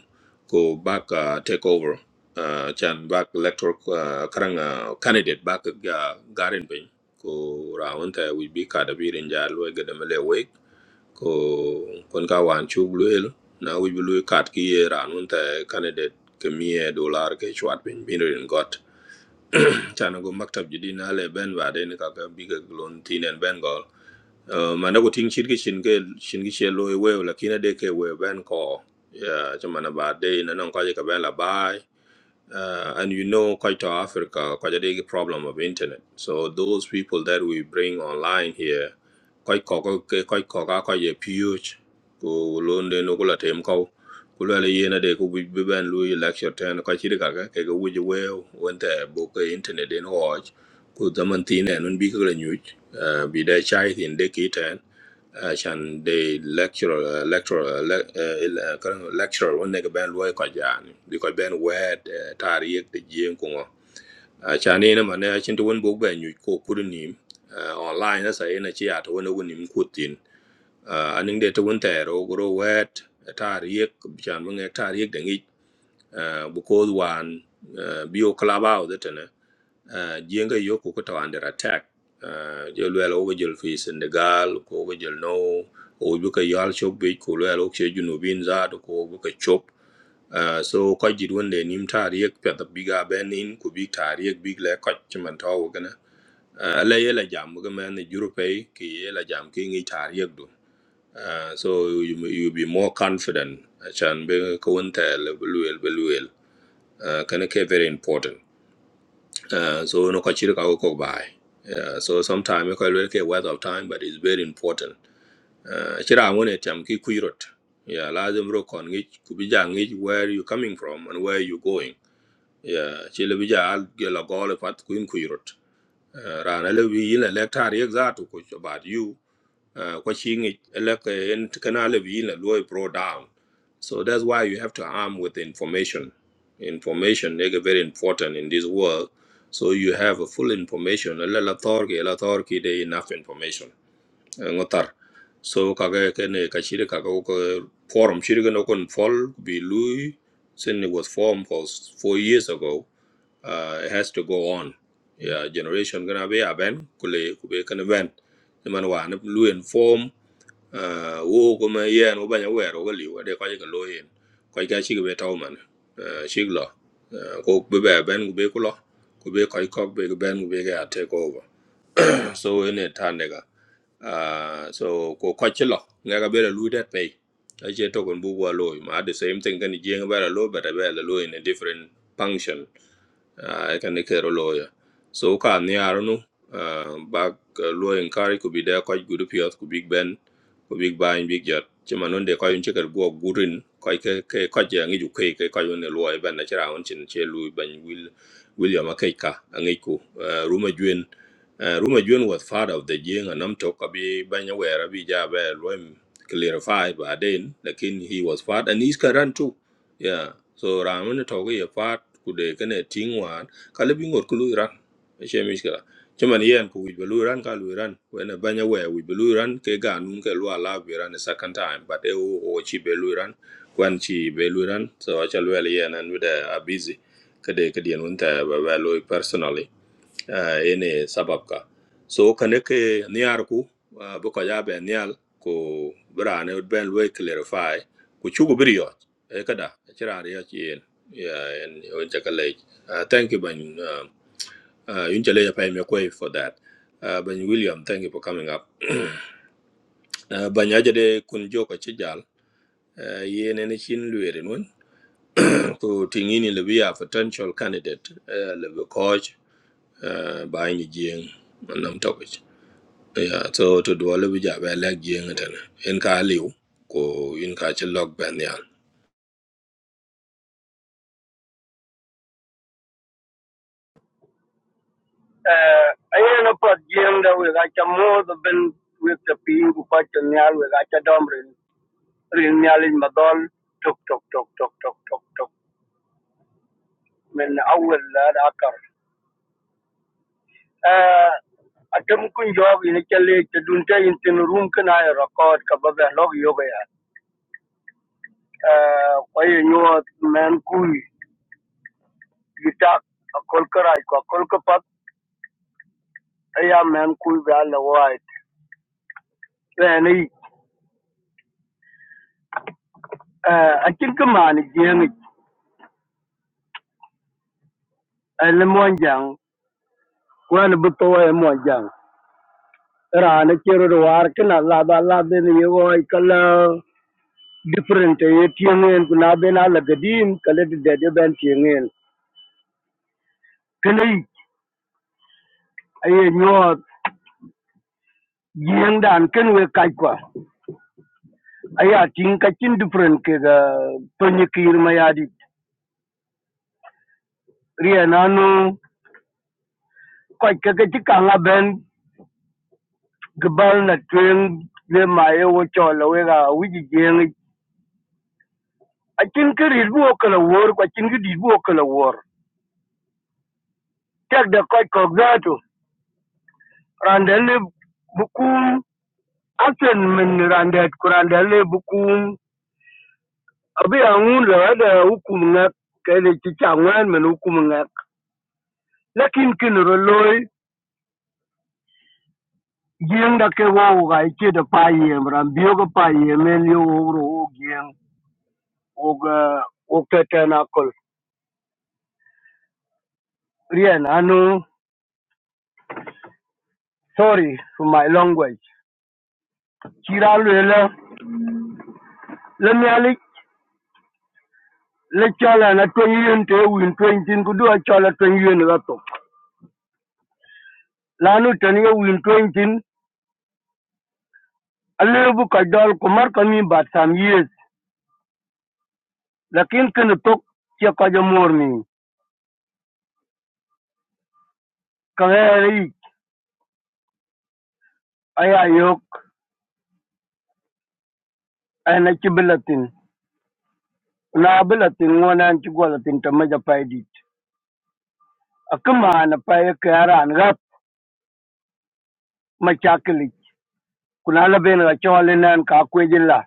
Speaker 2: ko back uh, take over uh, chan back electoral uh, karang uh, candidate back uh, garin pin ko round ta we be ka da birin ja lo ga da mele we ko kon ka wan chu bluel na we blu kat ki ye round ta candidate ke mie dollar ke chwat pin bin rin got chan go maktab jidi na le ben ba den ka ka bi ga lon tinen ben gol uh, mana ko ting shit ke shin ke shin ke shelo e we la kina de ke we ben ko ya chama na ba de na nan ko je ka ben la bai uh, and you know, quite Africa, quite a big problem of internet. So those people that we bring online here, quite koka, quite koka, quite a huge. Ku lunde no kula tem kau. Kula le yena de ku bi bi ban lui lecture ten quite chiri kaka ke ku wuji weo wente book internet in watch. Ku zaman tine nun bi kala nyuj. Bi da chai tin de ki عشان دي lecturer uh, lecturer eh, eh, lecturer won nega ben loy ko jani bi ko ben wet eh, tarik de jien ko ngo acha ne na mane achin to won bo ben nyu ko kurni online na sa ina chi at won won nim kutin anin de to won tero gro wet tarik chan won tarik de ngi bu ko wan bio club out de tane uh, jenga yo ko ko under attack uh, jo lwel o jol fi Senegal ko go jol no o bu ka yal chop be ko lwel o che junu bin za to ko bu ka chop uh, so ko jid won de nim tar yek pe da biga ben in ku big tar yek big le ko chman to gana uh, ala ye jam ga men europe ki ye la jam ki ngi tar do uh, so you, you be more confident chan be ko won tel be lwel be lwel uh, kana ke very important uh, so no kachir ka ko bai. Uh, so sometime ko lwe ke waste of time but it's very important. Uh, chira ngone cham ki kuirot. Yeah, lazim ro kon ngi kubija ngi where you coming from and where you going. Yeah, chile bija al gela gole pat kuin kuirot. Uh, rana le bi yin le lecture exact ko about you uh, kwa shi ngi eleke en tikana le la loy pro down so that's why you have to arm with information information is very important in this world so you have a full information la la tor ke la tor ki de enough information Eh, ngotar so kaga kene ka shiri kaga ko forum shiri no kon fol bi lui since it was formed for s- four years ago uh, it has to go on yeah generation gonna be aben kule kube kan event man wa na lui inform uh, wo kuma yen wo banya wero ga liwa de kwaje ga loyen kwaje ga chi be taw man uh, chi lo uh, ko be be ben ku be ku lo ku be kwaje ko be ben ku be ga take over so in it, ga uh, so ko kwaje lo nga ga be la lu det pay a che to kon bu wa lo ma the same thing kan jeng ba la lo but a be la lo in a different function I can ne a lawyer. so ka ni arunu ba lo en kari ku bi da ko gudu piot ku big ben ku big bang big jot che manon de ko yun che go gurin ko ke ke ko je ngi ju ke ke ko yun lo e ben na chira on chin ben will william akeka ngi ku eh, ruma juen eh, ruma juen was father of the jing and am tok abi ben ya wera bi ja be lo em clarify by then lakin he was father and he's current too yeah so ramen ne togo ye fat kude kane tingwan kale bi ngot kulu iran che mishkala chaman yen ku wi belu iran ka lu iran wena banya we wi belu iran ke ga nun ke lu ala bi iran a second time but e o o chi belu iran kwan chi belu iran so achal wel yen and with a busy kade kade nun ta ba ba lo personally uh, ene sabab ka so kane ke niar ku uh, bu ko ya be nial ko brane ben we clarify ku chugo brio e kada chira ya chien ya en on chakale uh, thank you ban uh, uh, yun chale ya pay me kwe for that uh, ban william thank you for coming up uh, ban ya jade kun joka chijal uh, yene ne chin luere nun ku tingini le bia potential candidate uh, le coach uh, ba ni jing nam topic Yeah, so to do all of it, I like Jing it in Ka Liu, go in Ka Chilok Banyal.
Speaker 7: Uh, ayen apat jiem da we gacha mo the ben with the pin ku ka chen nyal we gacha dom rin rin nyal in madol tok tok tok tok tok tok tok men awel la da akar uh, atem kun jog in chale te dun te in tin room kana record ka ba ba log yoga ya uh, ayen yo men kui gitak akol karai ko akol ka pat aya men kui ba la wai ne ni uh, akin ka man jiem ni eh, le monjang Wen bi to e mo jang. Ra na chero do war kina la ba la be ni yo i kala different e tiengen na be na la gadim kala de de ben tiengen. Kini aye nyo yen dan ken we kai kwa. Aya tin ka chin different ke ga penye kir ma ya di. Ria na no kwa ke ke ti kanga ben gbal na tuen le ma ye wo chola we ga wi ji jeng. A chin ke ri bu okala wor kwa chin ki di bu okala wor. tek de koc kok zatu rande li bukum asen min rande ku rande li bukum abi angun le wede hukum ngak kede chicha ngwen min hukum ngak lakin kin ro loy gieng da ke wo ga ichi de pa yem ram bio ga pa yem en yo wo ro wo gieng wo ga wo ke ten akol rien anu sorry for my language chira lwela le mialik le chala na twen yen te win twen tin ku do chala twen yen ga lanu tani ye win twenty alebu ka dol ku mar ka mi bat sam yes lakin kin tok che ka je mor mi ka heri aya yok ana ci bilatin na bilatin wona ci golatin ta maja paidit akuma na paye kara an rap machakli kuna la ben ga chole nan ka kwejin la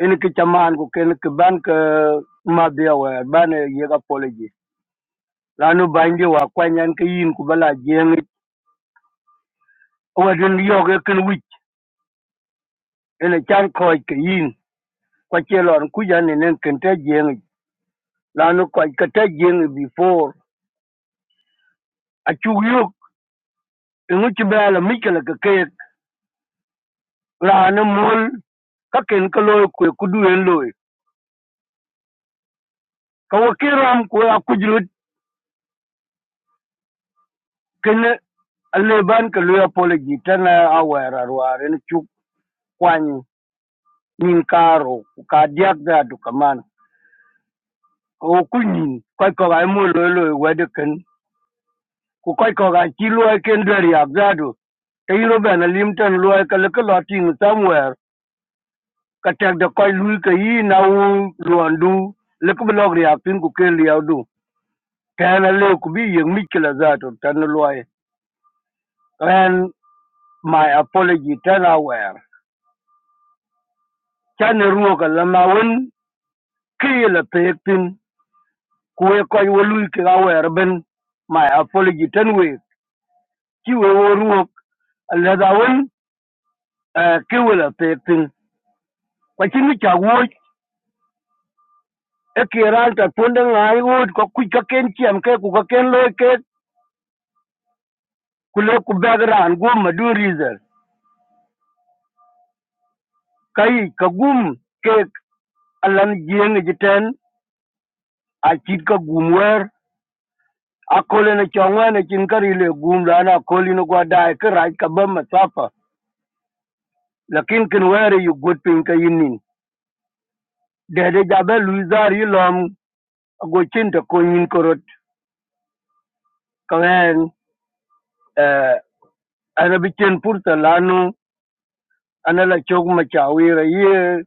Speaker 7: en ki chaman ku ken ki ban ka ma biya wa ban ye ga poloji lanu bangi wa kwanyan ka yin ku bala jeng wadin yoge kin wi เอ็งจะคอยกินกว่าเจริญกุยานในเรื่องการแท้เยี่ยงลาหนูก่อนการแท้เยี่ยงเบื้องก่อน before อัจฉริยะเอ็งว่าจะแบล้มิกอะไรก็เก่งลาหนูมัวแค่เก่งกลัวกุยคุด่วนลอยเขาว่าเคารพกุยอคุยรุดแค่ละอเลื่อนเกลือยาพูเลยจิตนาอาไวัยรารูอารินชุบควายมิงคาโรุกัดยากได้ดุขมันเขากุยหนิงกับกวางมัวลอยลอยเวเดกกัน ku koy ko gan chi luoi ken deri ak zadu te yino bena limten luoi ka leke lo ting somewhere ka tek de koy lui ka yi na u luon du leke bi lok riak tin ku ken liau du tena le ku bi yeng mi kila zadu tan luoi ren my apology ten aware chane ruoka lama wen ki la pek tin kuwe koy wo lui ki ga wer ben my apology ten we ki we wo ruok la da wen ki we la pek tin kwa chin mi cha woi e kiran ta punde ngai wut ko ku ka ken chiam ke ku ka ken loy ke ku le ku bagran gum ma du reason kai ka gum ke alan jeng jiten a chit ka gum wer a kole na chongwa na chin kari le gum la na koli no gwa dai ka raj ka ba ma safa lakin kin wer e yu gut pin ka yinin de de jabe luizar yi lom go chin ta ko yin korot ka wen eh ana bi chen pur ta lanu ana la chog ma chawira ye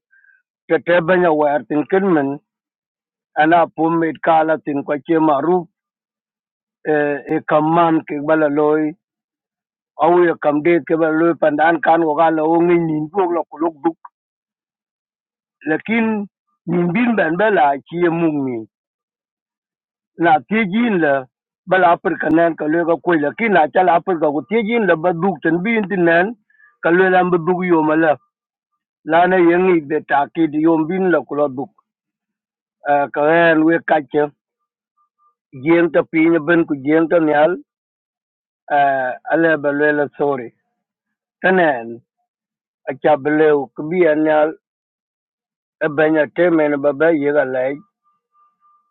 Speaker 7: Tetebenya werkin kin min ana pum it kala tin kwa che maruf eh, e kam ke bala loy au ye kam ke bala loy pandan kan wo gala o ngi nin bu lo ku luk duk lakin nin bin ben bala chi ye mung ni na ti jin la bala per kanen ka le ga ko lakin na cha per ga ku ti la ba duk bin tin nen ka le lam bu yo mala la na ye ngi be ta ki di yom bin la ku lo duk Eh, ka ren we ka jeng ta piny ben ku jeng ta nyal Eh, ale belwela sorry tenen acha beleu kbi anyal e benya temen baba yega lai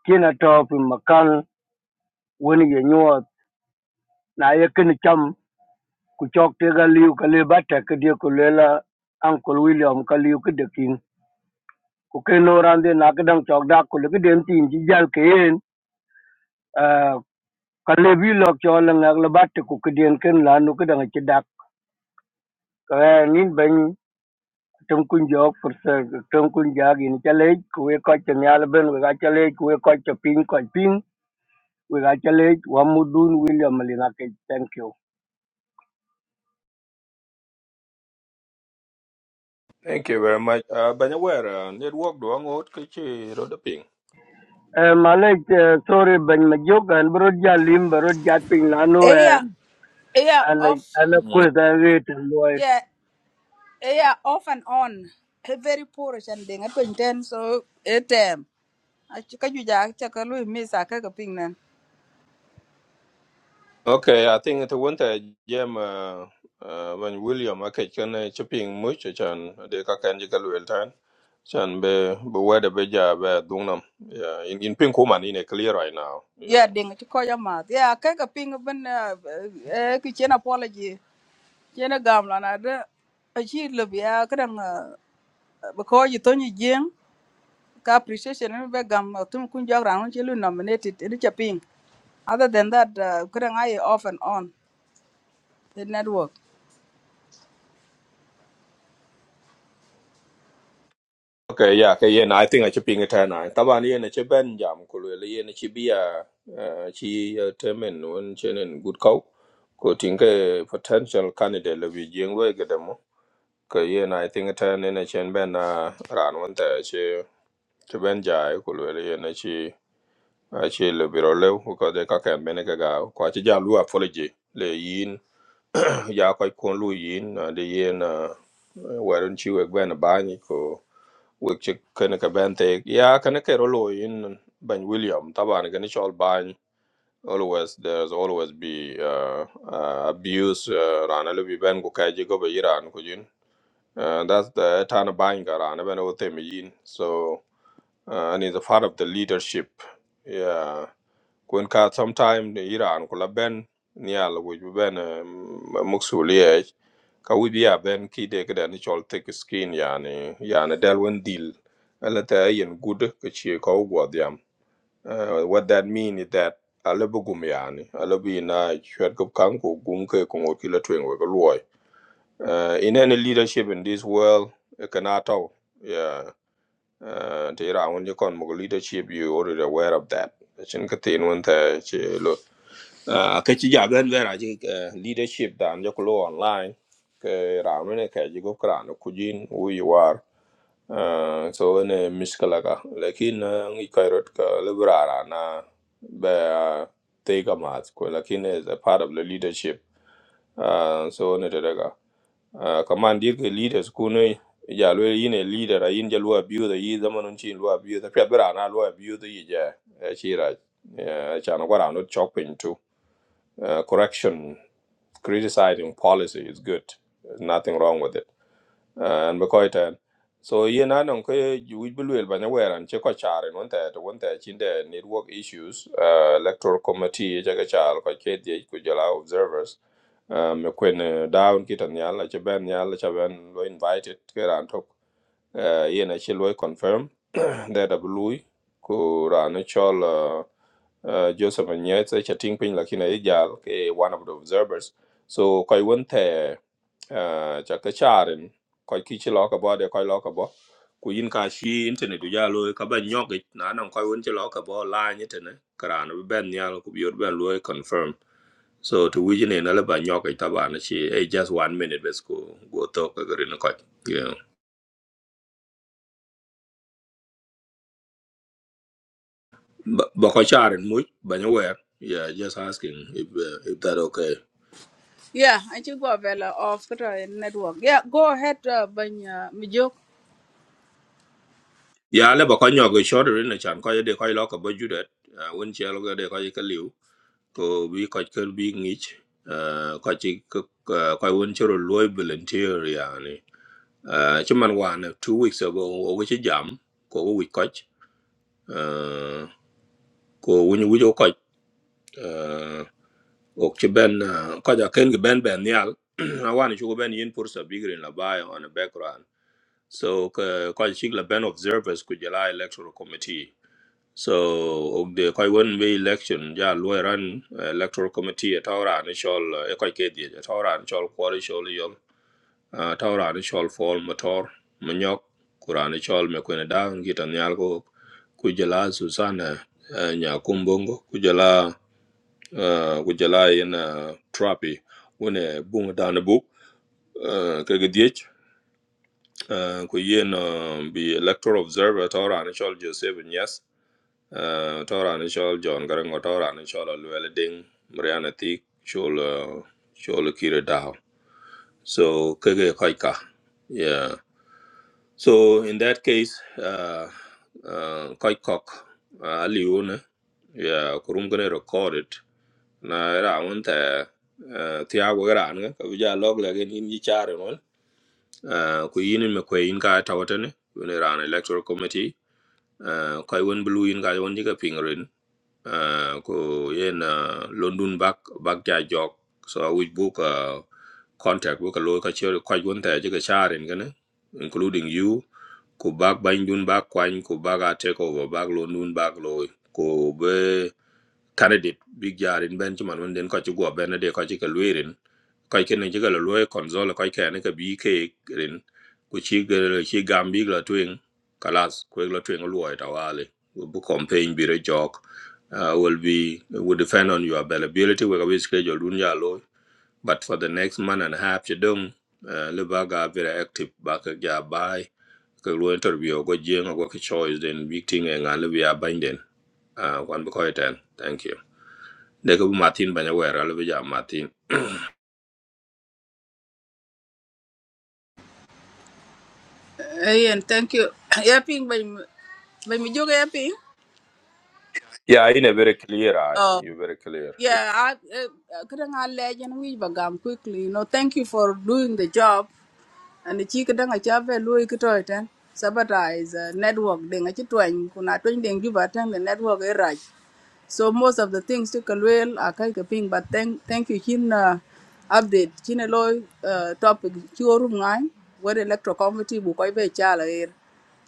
Speaker 7: kina top makan woni ye nyuot na ye kin cham ku chok te ga liu ka le bata ke die ku lela uncle william ka liu ke dekin ku ke no rande na ke dang chok da ku le ke den tin ji jal ke en Eh, ka le bi lok cho la ngak le bata ku ke den ken la nu ke dang chi dak ka nin ben trong kun jog for sir trong kun jag in chale we ko che nyal we ga chale we ko che pin ko pin we ga chale wa mudun william lina thank you
Speaker 2: Thank you very much. Uh, but where uh, network do ang out kichi roda ping.
Speaker 7: uh, malek uh, sorry ben ma jog an ja lim bro ja pin lanu
Speaker 3: Yeah,
Speaker 7: an
Speaker 3: yeah, off.
Speaker 7: an
Speaker 2: Mm.
Speaker 7: ko da wait and
Speaker 3: Yeah, yeah, off and on. Eh, Very poor and they not paying attention. So it um. I chika juja chaka lui misa kaka ping nan.
Speaker 2: Okay, I think it went a jam uh, uh, when William okay can uh, chipping much uh, chan de ka kan jikal wel tan. Chan be be where the beja be dungnam. Yeah, in in ping kuman in a clear right now. Yeah.
Speaker 3: Yeah, ding chiko ya mat. Yeah, kaka ping ben eh kitchen apology. Chena gamla na de. Achi lubi ya kadang uh, because you don't you jing. ka appreciation ni be gam uh, tum kun jog ran chi lu nominated ni cha ping other than that uh, kuda ngai off and on the network
Speaker 2: Okay, yeah, okay, yeah, nah, I think I should ping it and I. Taban yen a chiben jam kulwele yen a chibia chi temen un chenen good cow. Ko tinke potential candidate le bi jing we gedemo. Ka yen I think it and in a chen ben a ran one te chi chiben jai kulwele yen a chi a chi le biro lew ko de ka ken bene ka ga ko chi ja lu apology le yin ya ko kon lu yin na de yen werun chi we ben bani ko wek ci kene ka ben te ya kene ke rolo in ben william taban gani chol ban always there's always be uh, uh, abuse uh, rana lu bi ben ko kaji go be iran ko jin uh, that's the tan ban ga rana ben o te mi yin so uh, and is a part of the leadership yeah kun ka sometime the iran ko la ben nial wo bi ben muksuliye ka wi bi ya ben ki de ga ni chol thick skin yani yani del wen deal ala ta yin good ka ce ka go diam uh, what that mean is that ala bu gum yani ala bi na chwet ko kan ko gum ke ko kila twen ko loy uh, in any leadership in this world it cannot all yeah uh, te ra won kon leadership you already aware of that chin ka tin won ta che lo uh, ka chi ja ben vera uh, leadership dan jo ko online ke ramene ke jigo krano kujin wu yi war Ah, so ne miskala ka lakin ah, ngi kairot ka liberara na be ah, te ka mat ko lakin is a part of the leadership Ah, so ne te daga Ah, kaman dir ke leaders ku ne ya lo yin a leader a yin ja lo abiu da yi zaman chin lo abiu da pe bra na lo abiu da yi ja eh, shi raj. Yeah, China, what I'm not chopping to. Uh, correction, criticizing policy is good. There's nothing wrong with it. Uh, and because it, uh, so yeah, na nong ko we believe ba na and che ko chare non ta to won ta network issues uh, electoral committee ja ga char ko che de jala observers um kwen eh, down kitan yalla che ben yalla che ben lo invited ke ran tok uh, yena che lo confirm that a blue ku ran chol uh, uh, Joseph Nyerere cha ting pin lakini ejal ke one of the observers so koi won the uh, cha ka charin koi kichi lo ka bo de koi lo ka bo ku yin ka shi internet ya lo ka ban nyok ik, na nan koi won che lo ka bo la ni te ne karan bi ben nyal ku bi ben lo confirm so to we ne na le ba nyok ta ba eh, just one minute bes ko go to ka gari na koi yeah but ba ko charin mu ba yeah just asking if uh, if that okay
Speaker 3: yeah i think go vela off kuda in network yeah go ahead uh, ban uh, mi jog
Speaker 2: ya le ba ko nyo go short rin na chan ko de ko lo ko bo judet won che lo de ko ka liu ko bi ko ke bi ngich ko chi ko won che ro loy volunteer ya ni chuman wan two weeks ago o go chi jam ko go wi ko ko won wi ko ko ok che ben eh, ko ja ken ge ben ben yal awan chu ben yin pursa bigrin la bai on the background so ko ko chi la ben observers ku jela electoral committee so the koi won we election ja lo ran uh, electoral committee at our an shol e koi ke die at our an shol kwori shol yol at our an fol motor manyok kuran shol me kwene da ngita nyal ko kujala susana uh, nya kumbongo kujala uh, kujala in uh, trapi wone bunga dana buk uh, kage diech uh, ku yen uh, bi electoral observer at our an shol joseph yes uh, Tora ni chol John Garango Tora ni chol Luella Ding Mariana Thick chol uh, chol Kira Dow. So kage koika. Yeah. So in that case, uh, uh, koikok uh, aliune. Yeah, kurum gonna record it. Na era unta uh, tiago gran ga kabija log lagen in yi chare mon. Uh, ku yini me kwe in ka tawatane. Wene ran electoral committee. Uh, kai wen blue in ka yon jiga pingrin. uh, ko yen uh, London back back ja jog so we book uh, contact book a lo ka che kwa gun ta je ka charin gane including you ko back bang dun back kwan ko back a take over back London back lo ko be candidate big jarin ben chuman den ko chu go ben de ko chi ka kai ken ji ga lo konzol kai ka ne ka bi ke rin ku chi ga chi gam bi la twin kalas ku la twin lo ta wale bu campaign bi re jok uh, will be will depend on your availability we ga schedule dun ya lo but for the next month and a half you don't uh, le ba very active ba ka ja bai ka lo interview go jeng go ka choice then big thing e le bi a binding uh, one because ten thank you de ko martin banya wera le bi ja martin
Speaker 3: Eh, and thank you yeah ping ban ban mi jog yeah ping
Speaker 2: Yeah, you a very clear I
Speaker 3: oh
Speaker 2: You're very clear.
Speaker 3: yeah i kuda ngai legend we ba gam quickly you know thank you for doing the job Ani ci kadaŋ a ca ve luoi ki toi ten sabotage uh, network deŋ a ci twany kun a twany a the network e raj so most of the things ci ka luel a kai ka ping but thank thank you chin uh, update chin e loi uh, topic ci orum ngai where electro committee bu koi be chala er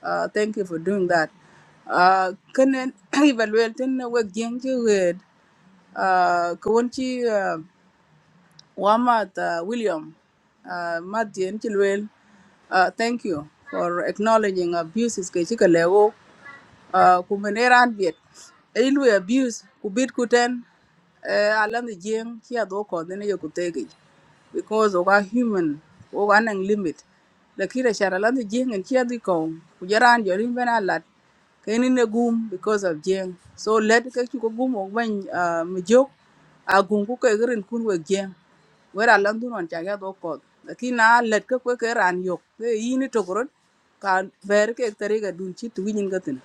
Speaker 3: uh, thank you for doing that uh, kenen evaluate ten wek jeng ci wed uh, ka Wamat uh, William, uh, Matthew Nchilwell, uh, thank you for acknowledging abuses ke chika lewo uh, kumeneran biet. Ilu abuse kubit kuten uh, alam the jeng kia doko dene yo kutegi because oga human oga nang limit. Lakira shara alam the jeng and kia diko kujaran jorin bena lat keni ne gum because of jeng. So let ke chuko gum ogban uh, mjok agum kuke grin kun we jeng wera lan dun wan chaga do ko kina let ke ko ke ran yok ke yini to korot ka ber ke tari ga dun chi tu nyin gatin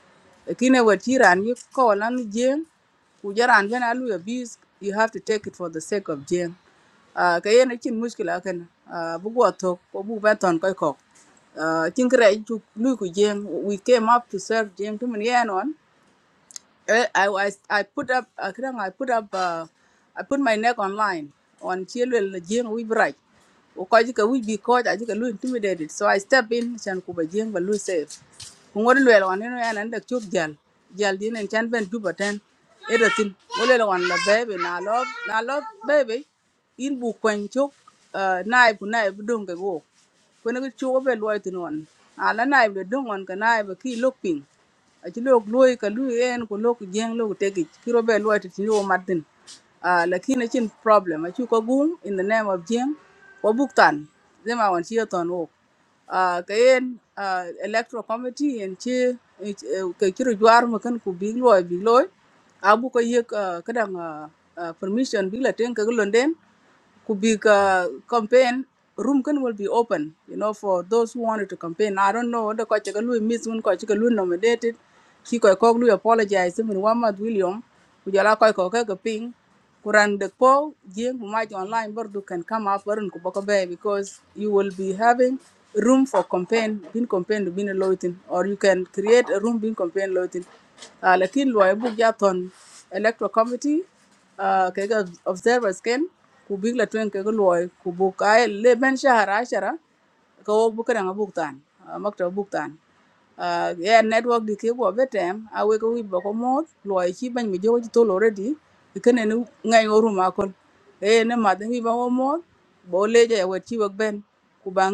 Speaker 3: kina wer chi ran yi ko lan jeng ku jaran gana lu ya bis you have to take it for the sake of jeng Ah, ka yen chin muskila ken Ah, bu go to ko bu ba ton ko ko uh, chin kre chu lu ku jeng we came up to serve jeng to mun yen on Eh, I was I put up uh, kadang I put up uh, I put my neck online on Chilwell Jing we bright. Ukaji ka we be caught I just intimidated. So I step in chan kuba jing but lose safe. Kungori lwel wan ino yan anda chuk jal. Jal din en chan ben juba ten. Eda tin. Ulele la baby na love na love baby. In bu kwen chuk uh, naib bu naib dung ke go. Kwene ke chuk be lwa tin wan. Ala naib le dung wan ka naib ki look ping aci lok luoi ka lui en ku lok jeng lok tekic ki robe luoi ti tini womat thin uh, lakin problem acu ko gum in the name of jeng wa buk tan thema wan ci yothon wok Ah, ka ah, uh, electoral committee en ci ke ciro jwar makan ku big luoi big luoi abu ko yek uh, kadang ah, uh, permission big la ten ka gulon could be uh, campaign room can will be open you know for those who wanted to campaign i don't know the coach can miss when coach can nominated he could call you apologize even one month william we jala koy ko ka ping kuran de po jing who might online but you can come up and ko boko bay because you will be having room for campaign being campaign bin loitin or you can create a room being campaign loitin uh, lakin loy bu jaton electoral committee آه كيغا observers كان ku big la twen kega loy ku buk ay le ben shahar ashara ka wo bukara nga buk tan ah, makta buk tan Ah, ya network di ke go betem a we ko wi boko mod loy chi ban mi jowo to lo ready ikene ni ngai o ruma kon e ne ma de wi ba we chi wak ben ku ba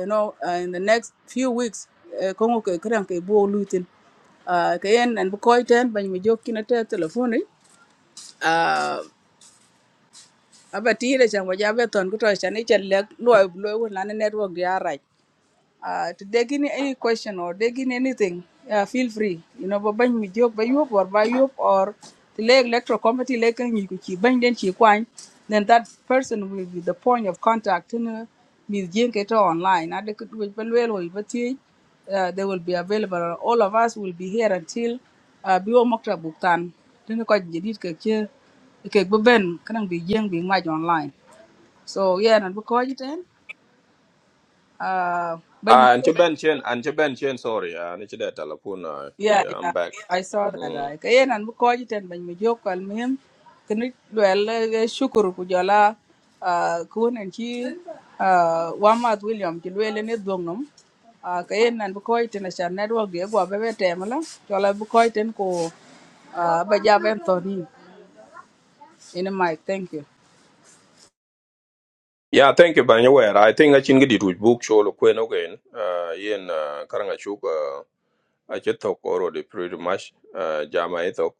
Speaker 3: you know ah, in the next few weeks eh, ko ngo ke kran ke bo lutin Ah, ka yen en bu koy ten bañ mi jokki na te telefoni Uh, aba tïra can wëc abe thon kï töc can ïcë lëk lwö ï bulö ewone na nï netwök jö arac. Uh, to dig in any question or dig in anything, uh, feel free. You know, but ban mi jok ba yop or ba yop or the leg electoral committee leg kan you chi ban then. chi kwan, then that person will be the point of contact in uh, Miss Jane Keto online. And they could which ban well or but uh, they will be available. All of us will be here until uh, Biwo Mokta Buktan. Then ko jidit ke che okay, but ben can be young, bi much online. So yeah, and because it then uh by me.
Speaker 2: Ah, and your Ben Chen, and your Ben Chen, sorry, uh, and that telephone. Uh,
Speaker 3: Yeah,
Speaker 2: yeah, I'm
Speaker 3: yeah,
Speaker 2: back.
Speaker 3: I saw that.
Speaker 2: Mm.
Speaker 3: I kaya nan bu koji ten ban mi jok al mihim kini dwel eh, shukuru ku jola ah, kun chi ah, Wamat William chi lwele ne dong Ah, kaya nan bu koji ten ashan network de gwa bebe temla jola bu koji ten ko ah, ba jab Anthony in a mic thank you.
Speaker 2: Yeah, thank you, Banyaware. I think I can get it with book show Queen again. Uh, in uh, Karangachuk, uh, I just talk already pretty much. Uh, Jama, I talk.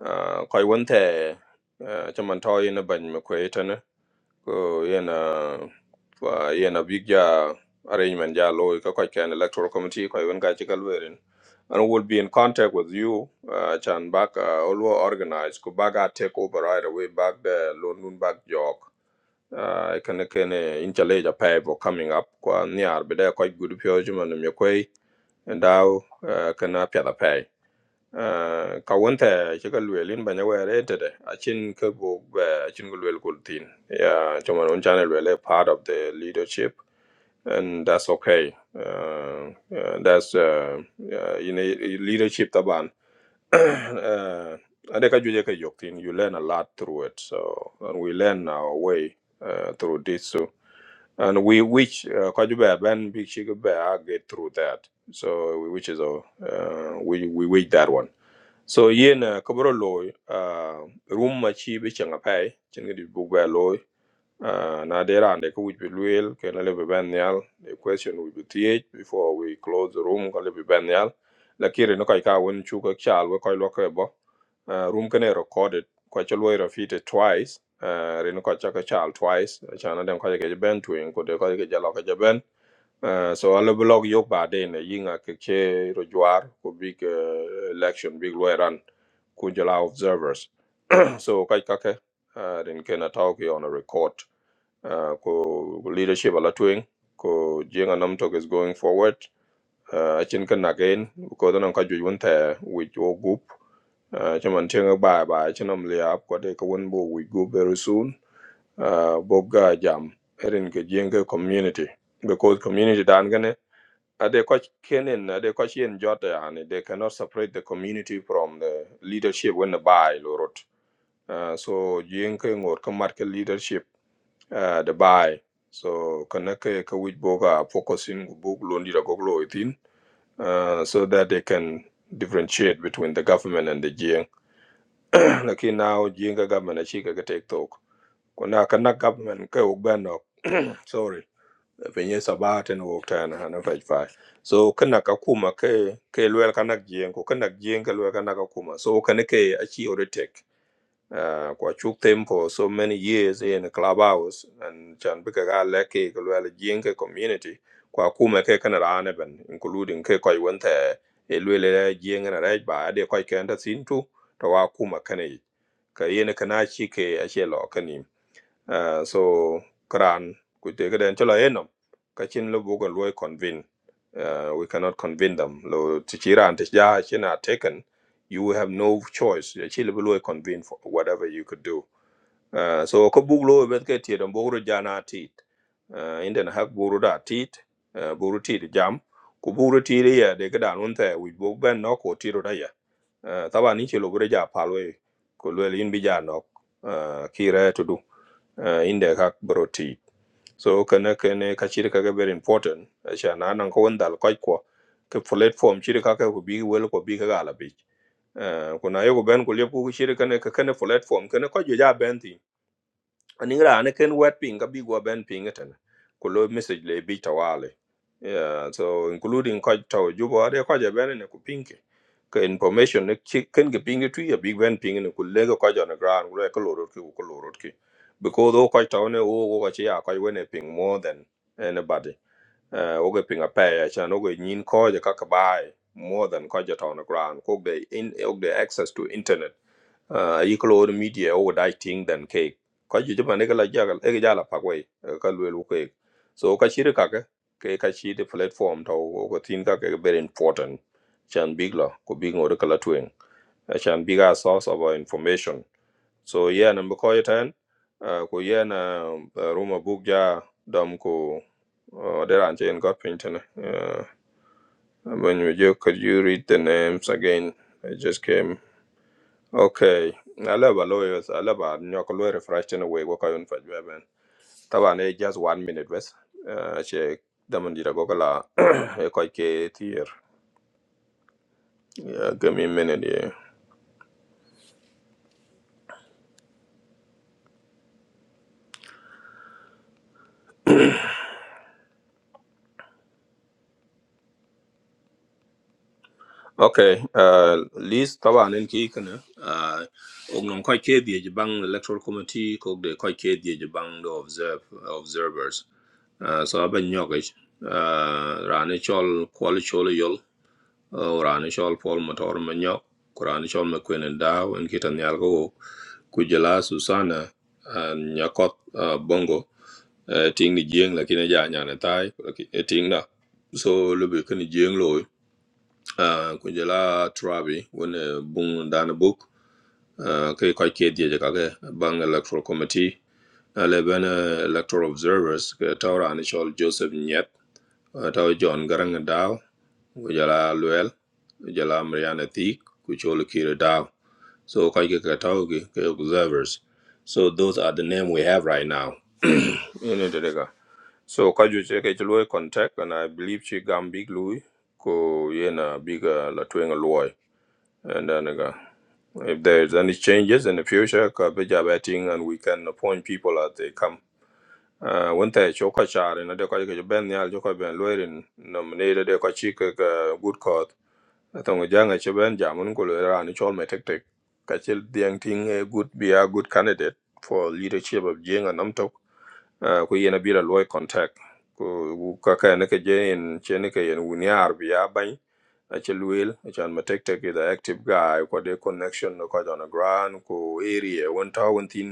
Speaker 2: Uh, Koi Wente, uh, Chaman Toy in a Bany ko yana fa yana big ja arrangement ja lo ka ko kan electoral committee ko even ga chigal werin and we'll be in contact with you uh, chan back uh, all were organize. ko baga take over right away back the loan nun back jog uh, I can can intelligence a pay for coming up ko niar be there quite good pure human me koi and now uh, can appear the pay uh, ka wunta ci ka luelin banya were e tede achin ka go ba achin go luel ya chuma non channel wele part of the leadership and that's okay uh, uh, that's uh, uh, in a leadership taban uh, ade juje ka yok you learn a lot through it so and we learn our way uh, through this so and we which uh, quite bad ben big she could bear get through that so which is a uh, we we wait that one so yen uh, kabro loy uh, room ma be bi changa pai chin di bu loy uh, na there and ko which be luel ke na le be ben yal the question will be th before we close the room ko lebe be ben yal la kire no kai ka won chu chal we koi lo bo uh, room kane recorded kwa cha lawyer twice uh, rin kwa cha ka chal twice cha na den kwa ke ben twin ko de kwa ke jalo ka ja ben uh, so ala blog yok ba de ne yinga ke che rojwar ko big uh, election big lawyer run ku jala observers so kai ka ke uh, rin ke na talk yo on a record uh, ko leadership ala twin ko jenga nam talk is going forward uh, chin kan again ko don ka ju won ta with your group uh, chaman tenga ba ba chinam le up ko de ko won bo we go very soon uh, bo ga jam erin ke jenga community because community dan gane ade ko kenen ade ko chen jota yani they cannot separate the community from the leadership when the buy lorot uh, so jenga or ka market leadership uh, the buy so kana ke ka wich bo ga focusing book londi da goglo itin uh, so that they can differentiate between the government and the Jiang. Lakini now Jiang ka government achika ka take talk. Kuna kana government ka ubano sorry. Penye sabat and walk tan and a five five. So kana kakuma ke ke lwel kana Jiang ko kana Jiang ke lwel kana kakuma. So kana ke achi already take uh, kwa chuk them for so many years in the clubhouse and chan bika ga leke kulwela jinke community kwa kuma ke kana rane ben including ke koi wente elwele jinge na rej ba ade koi kenta sintu to wa kuma kane ka yene kana chi ke ashe lo uh, so Quran ku te ga den chola enom ka lo bugan lo convene uh, we cannot convene them lo ti chiran ti ja chin are taken you have no choice ya chi lo convene for whatever you could do uh, so ko bug lo e bet ke ti don bugro jana tit uh, inden hak buru da tit uh, buru tit jam ku buru tit ya de ga dan we bug no ko tiro da ya Eh, Taba ni chelo bure ja palwe ko lwel in bi ja nok eh, to du eh, in kak bro ti. So kene kene ka chiri very important. Acha na nan ko wandal koi ko ke platform chiri kake ko bi wel ko bi ka gala bi. Kuna yo ko ben ko lepo chiri kene kene platform kene ko jo ja ben aning raan ken wet piny ka big waben piny eten ku lo message le bi tawale yeah so including ko taw jubo ade ko je ben ne ku pinke ka information ne chi- ken ge pinge tu ya big ben ping. ne ku le ko jo ne gran ku le ko lorot ki ku lorot ki because o ko taw ne o o ko chi ya ko we ne ping more than anybody uh, oge pinga pay chan oge nyin ko je kaka bai more than ko je on the ground ko de in og de access to internet uh, yi media o da ting than cake ko ju jama ne kala jagal e jala pa ko ka lwel ko so ka shiri kaka ke ka shiri platform to ko tin ka ke very important chan big la ko big ngor kala twin chan bigger source of our information so yeah nan bu ko yitan uh, ku yeah na uh, ruma buk ja dom ku uh, there are jane got painting uh, when you you- could you read the names again i just came okay i love our lawyers i love our nyokolo refresh in a way what i want for you taba ne just one minute west uh, she damandira gokala e koike tier yeah, give me a minute yeah. Okay, uh, Liz Tawan en ki kana uh, ognom koi ke die jibang electoral committee kog de koi ke die jibang the observe observers. Uh, so aben nyogich uh, rane chol kwali chol e yol uh, rane chol pol motor manyok kurane chol makwene daw en kitan yalgo kujela Susana uh, nyakot uh, bongo uh, ting ni jeng lakini ja nyane tai laki- eh, ting na so lubi kani jeng loy uh, ku jela trabi wone bung dana book uh, ke ko ke die ka ke bang electoral committee ale ben uh, electoral observers ke tawra ni chol joseph nyet uh, taw john garang daw ku jela luel ku jela mariana Thik, ku chol kire daw so ko ke ka taw ke ke observers so those are the name we have right now you know the so ka ju che ke chlo contact and i believe she gam big lui ko yena big uh, la twenga loy and then uh, If there's any changes in the future, ka be betting and we can appoint people as they come. Uh, when they choka char in a decoy Ben Yal Joka Ben Lurin nominated a cochica good court. I think a young Chaben Jamun Kulera and it's all my tactic. Kachil Diang Ting a good be a good candidate for leadership of Jing and Namtok. Uh, Kuyen a bit a lawyer contact. Kaka and Naka Jay and Chenika and Winyar be a aci lueel acan ma tektek i the active guy kode connection no kɔc on the ground ku area wen tɔ wen thin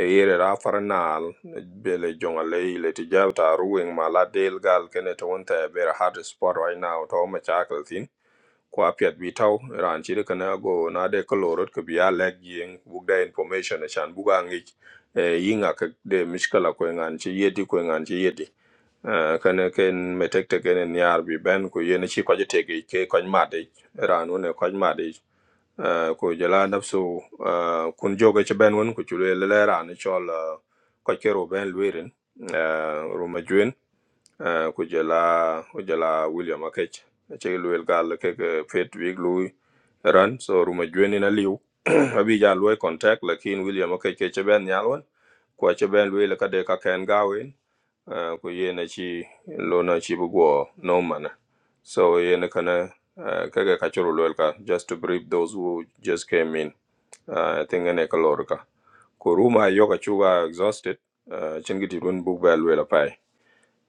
Speaker 2: e area ra far naal bele jöŋ alei le ti jab taar ruweŋ ma la del gal kene to wen thɛɛ very hard spot right now tɔ macakil thin Ko apiat bi tau ran chi ka na go na de ko lorot ko bi alek yin buk information a chan buga ngi e yinga ka de miskala ko ngan chi yedi ko ngan chi yedi Eh, kana ken metek te ken nyar bi ben ko yen chi ko jete ke ke ko ma de ran ne ko ma de ko jala nafsu eh, kun joga chi ben won ko chu le le ran chol eh, ko ke ben lwirin ru ma juen ku jala ku william akech ci luel gal ke ke fet wig lui ran so ruma jweni na liu abi ja lui contact lakin william ke ke che ben yalwan kwa che ben lui le ka de ka ken gawen eh, ku ye na ci lo na ci bu go no man so ye na kana eh, ke ke ka churu luel ka just to brief those who just came in uh, i think ene ka lor ka ko ruma yo ka chuga exhausted uh, chin run bu ba luel pai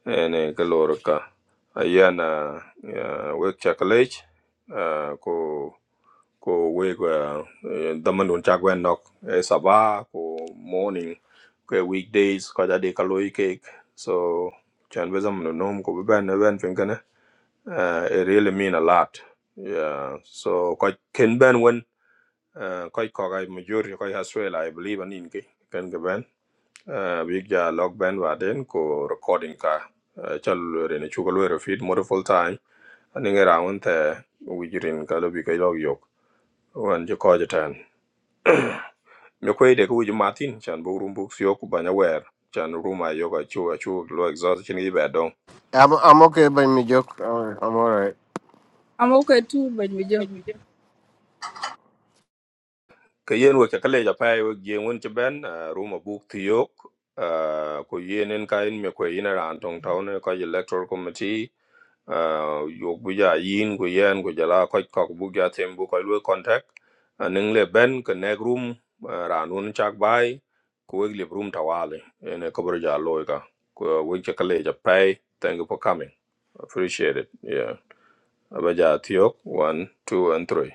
Speaker 2: ene ka lor ka ayana wek chakalej ah, ko ko wek ah, eh, daman don chagwen nok eh, sabah ko morning ko weekdays ko jadi kaloi cake so chan bezam no nom ko ben ben fin kana it really mean a lot yeah so ko ken ben when uh, koi kogai majority koi haswela i believe anin ki ken ga ban uh, big ja log ban wa den ko recording ka uh, chal re ne chugal wero feed more full time anin ga rawon ta wijirin ka lo bi kai log yok wan je ko je tan me koi de ku martin chan bo rum buk sio ku banya wer chan ruma yoga chu chu lo exhaust chin gi ba dong
Speaker 6: i'm i'm okay by mi jok i'm, I'm all right
Speaker 3: I'm okay too ban mi jok.
Speaker 2: ka yen we kakale ja pai we gien won ci ben ruma buk ti yok ah, ko yenen ka en me ko ina ran tong taw ne ka electoral committee ah, yok bu ja yin ko yen ko jala ko ko bu ja tem bu ko lu contact anen le ben ka ne room ah, ran won chak bai ko we le room tawale ene ko bro ja loy ka ko we ci kale ja pai thank you for coming appreciate it yeah abaja ti yok 1 2 and 3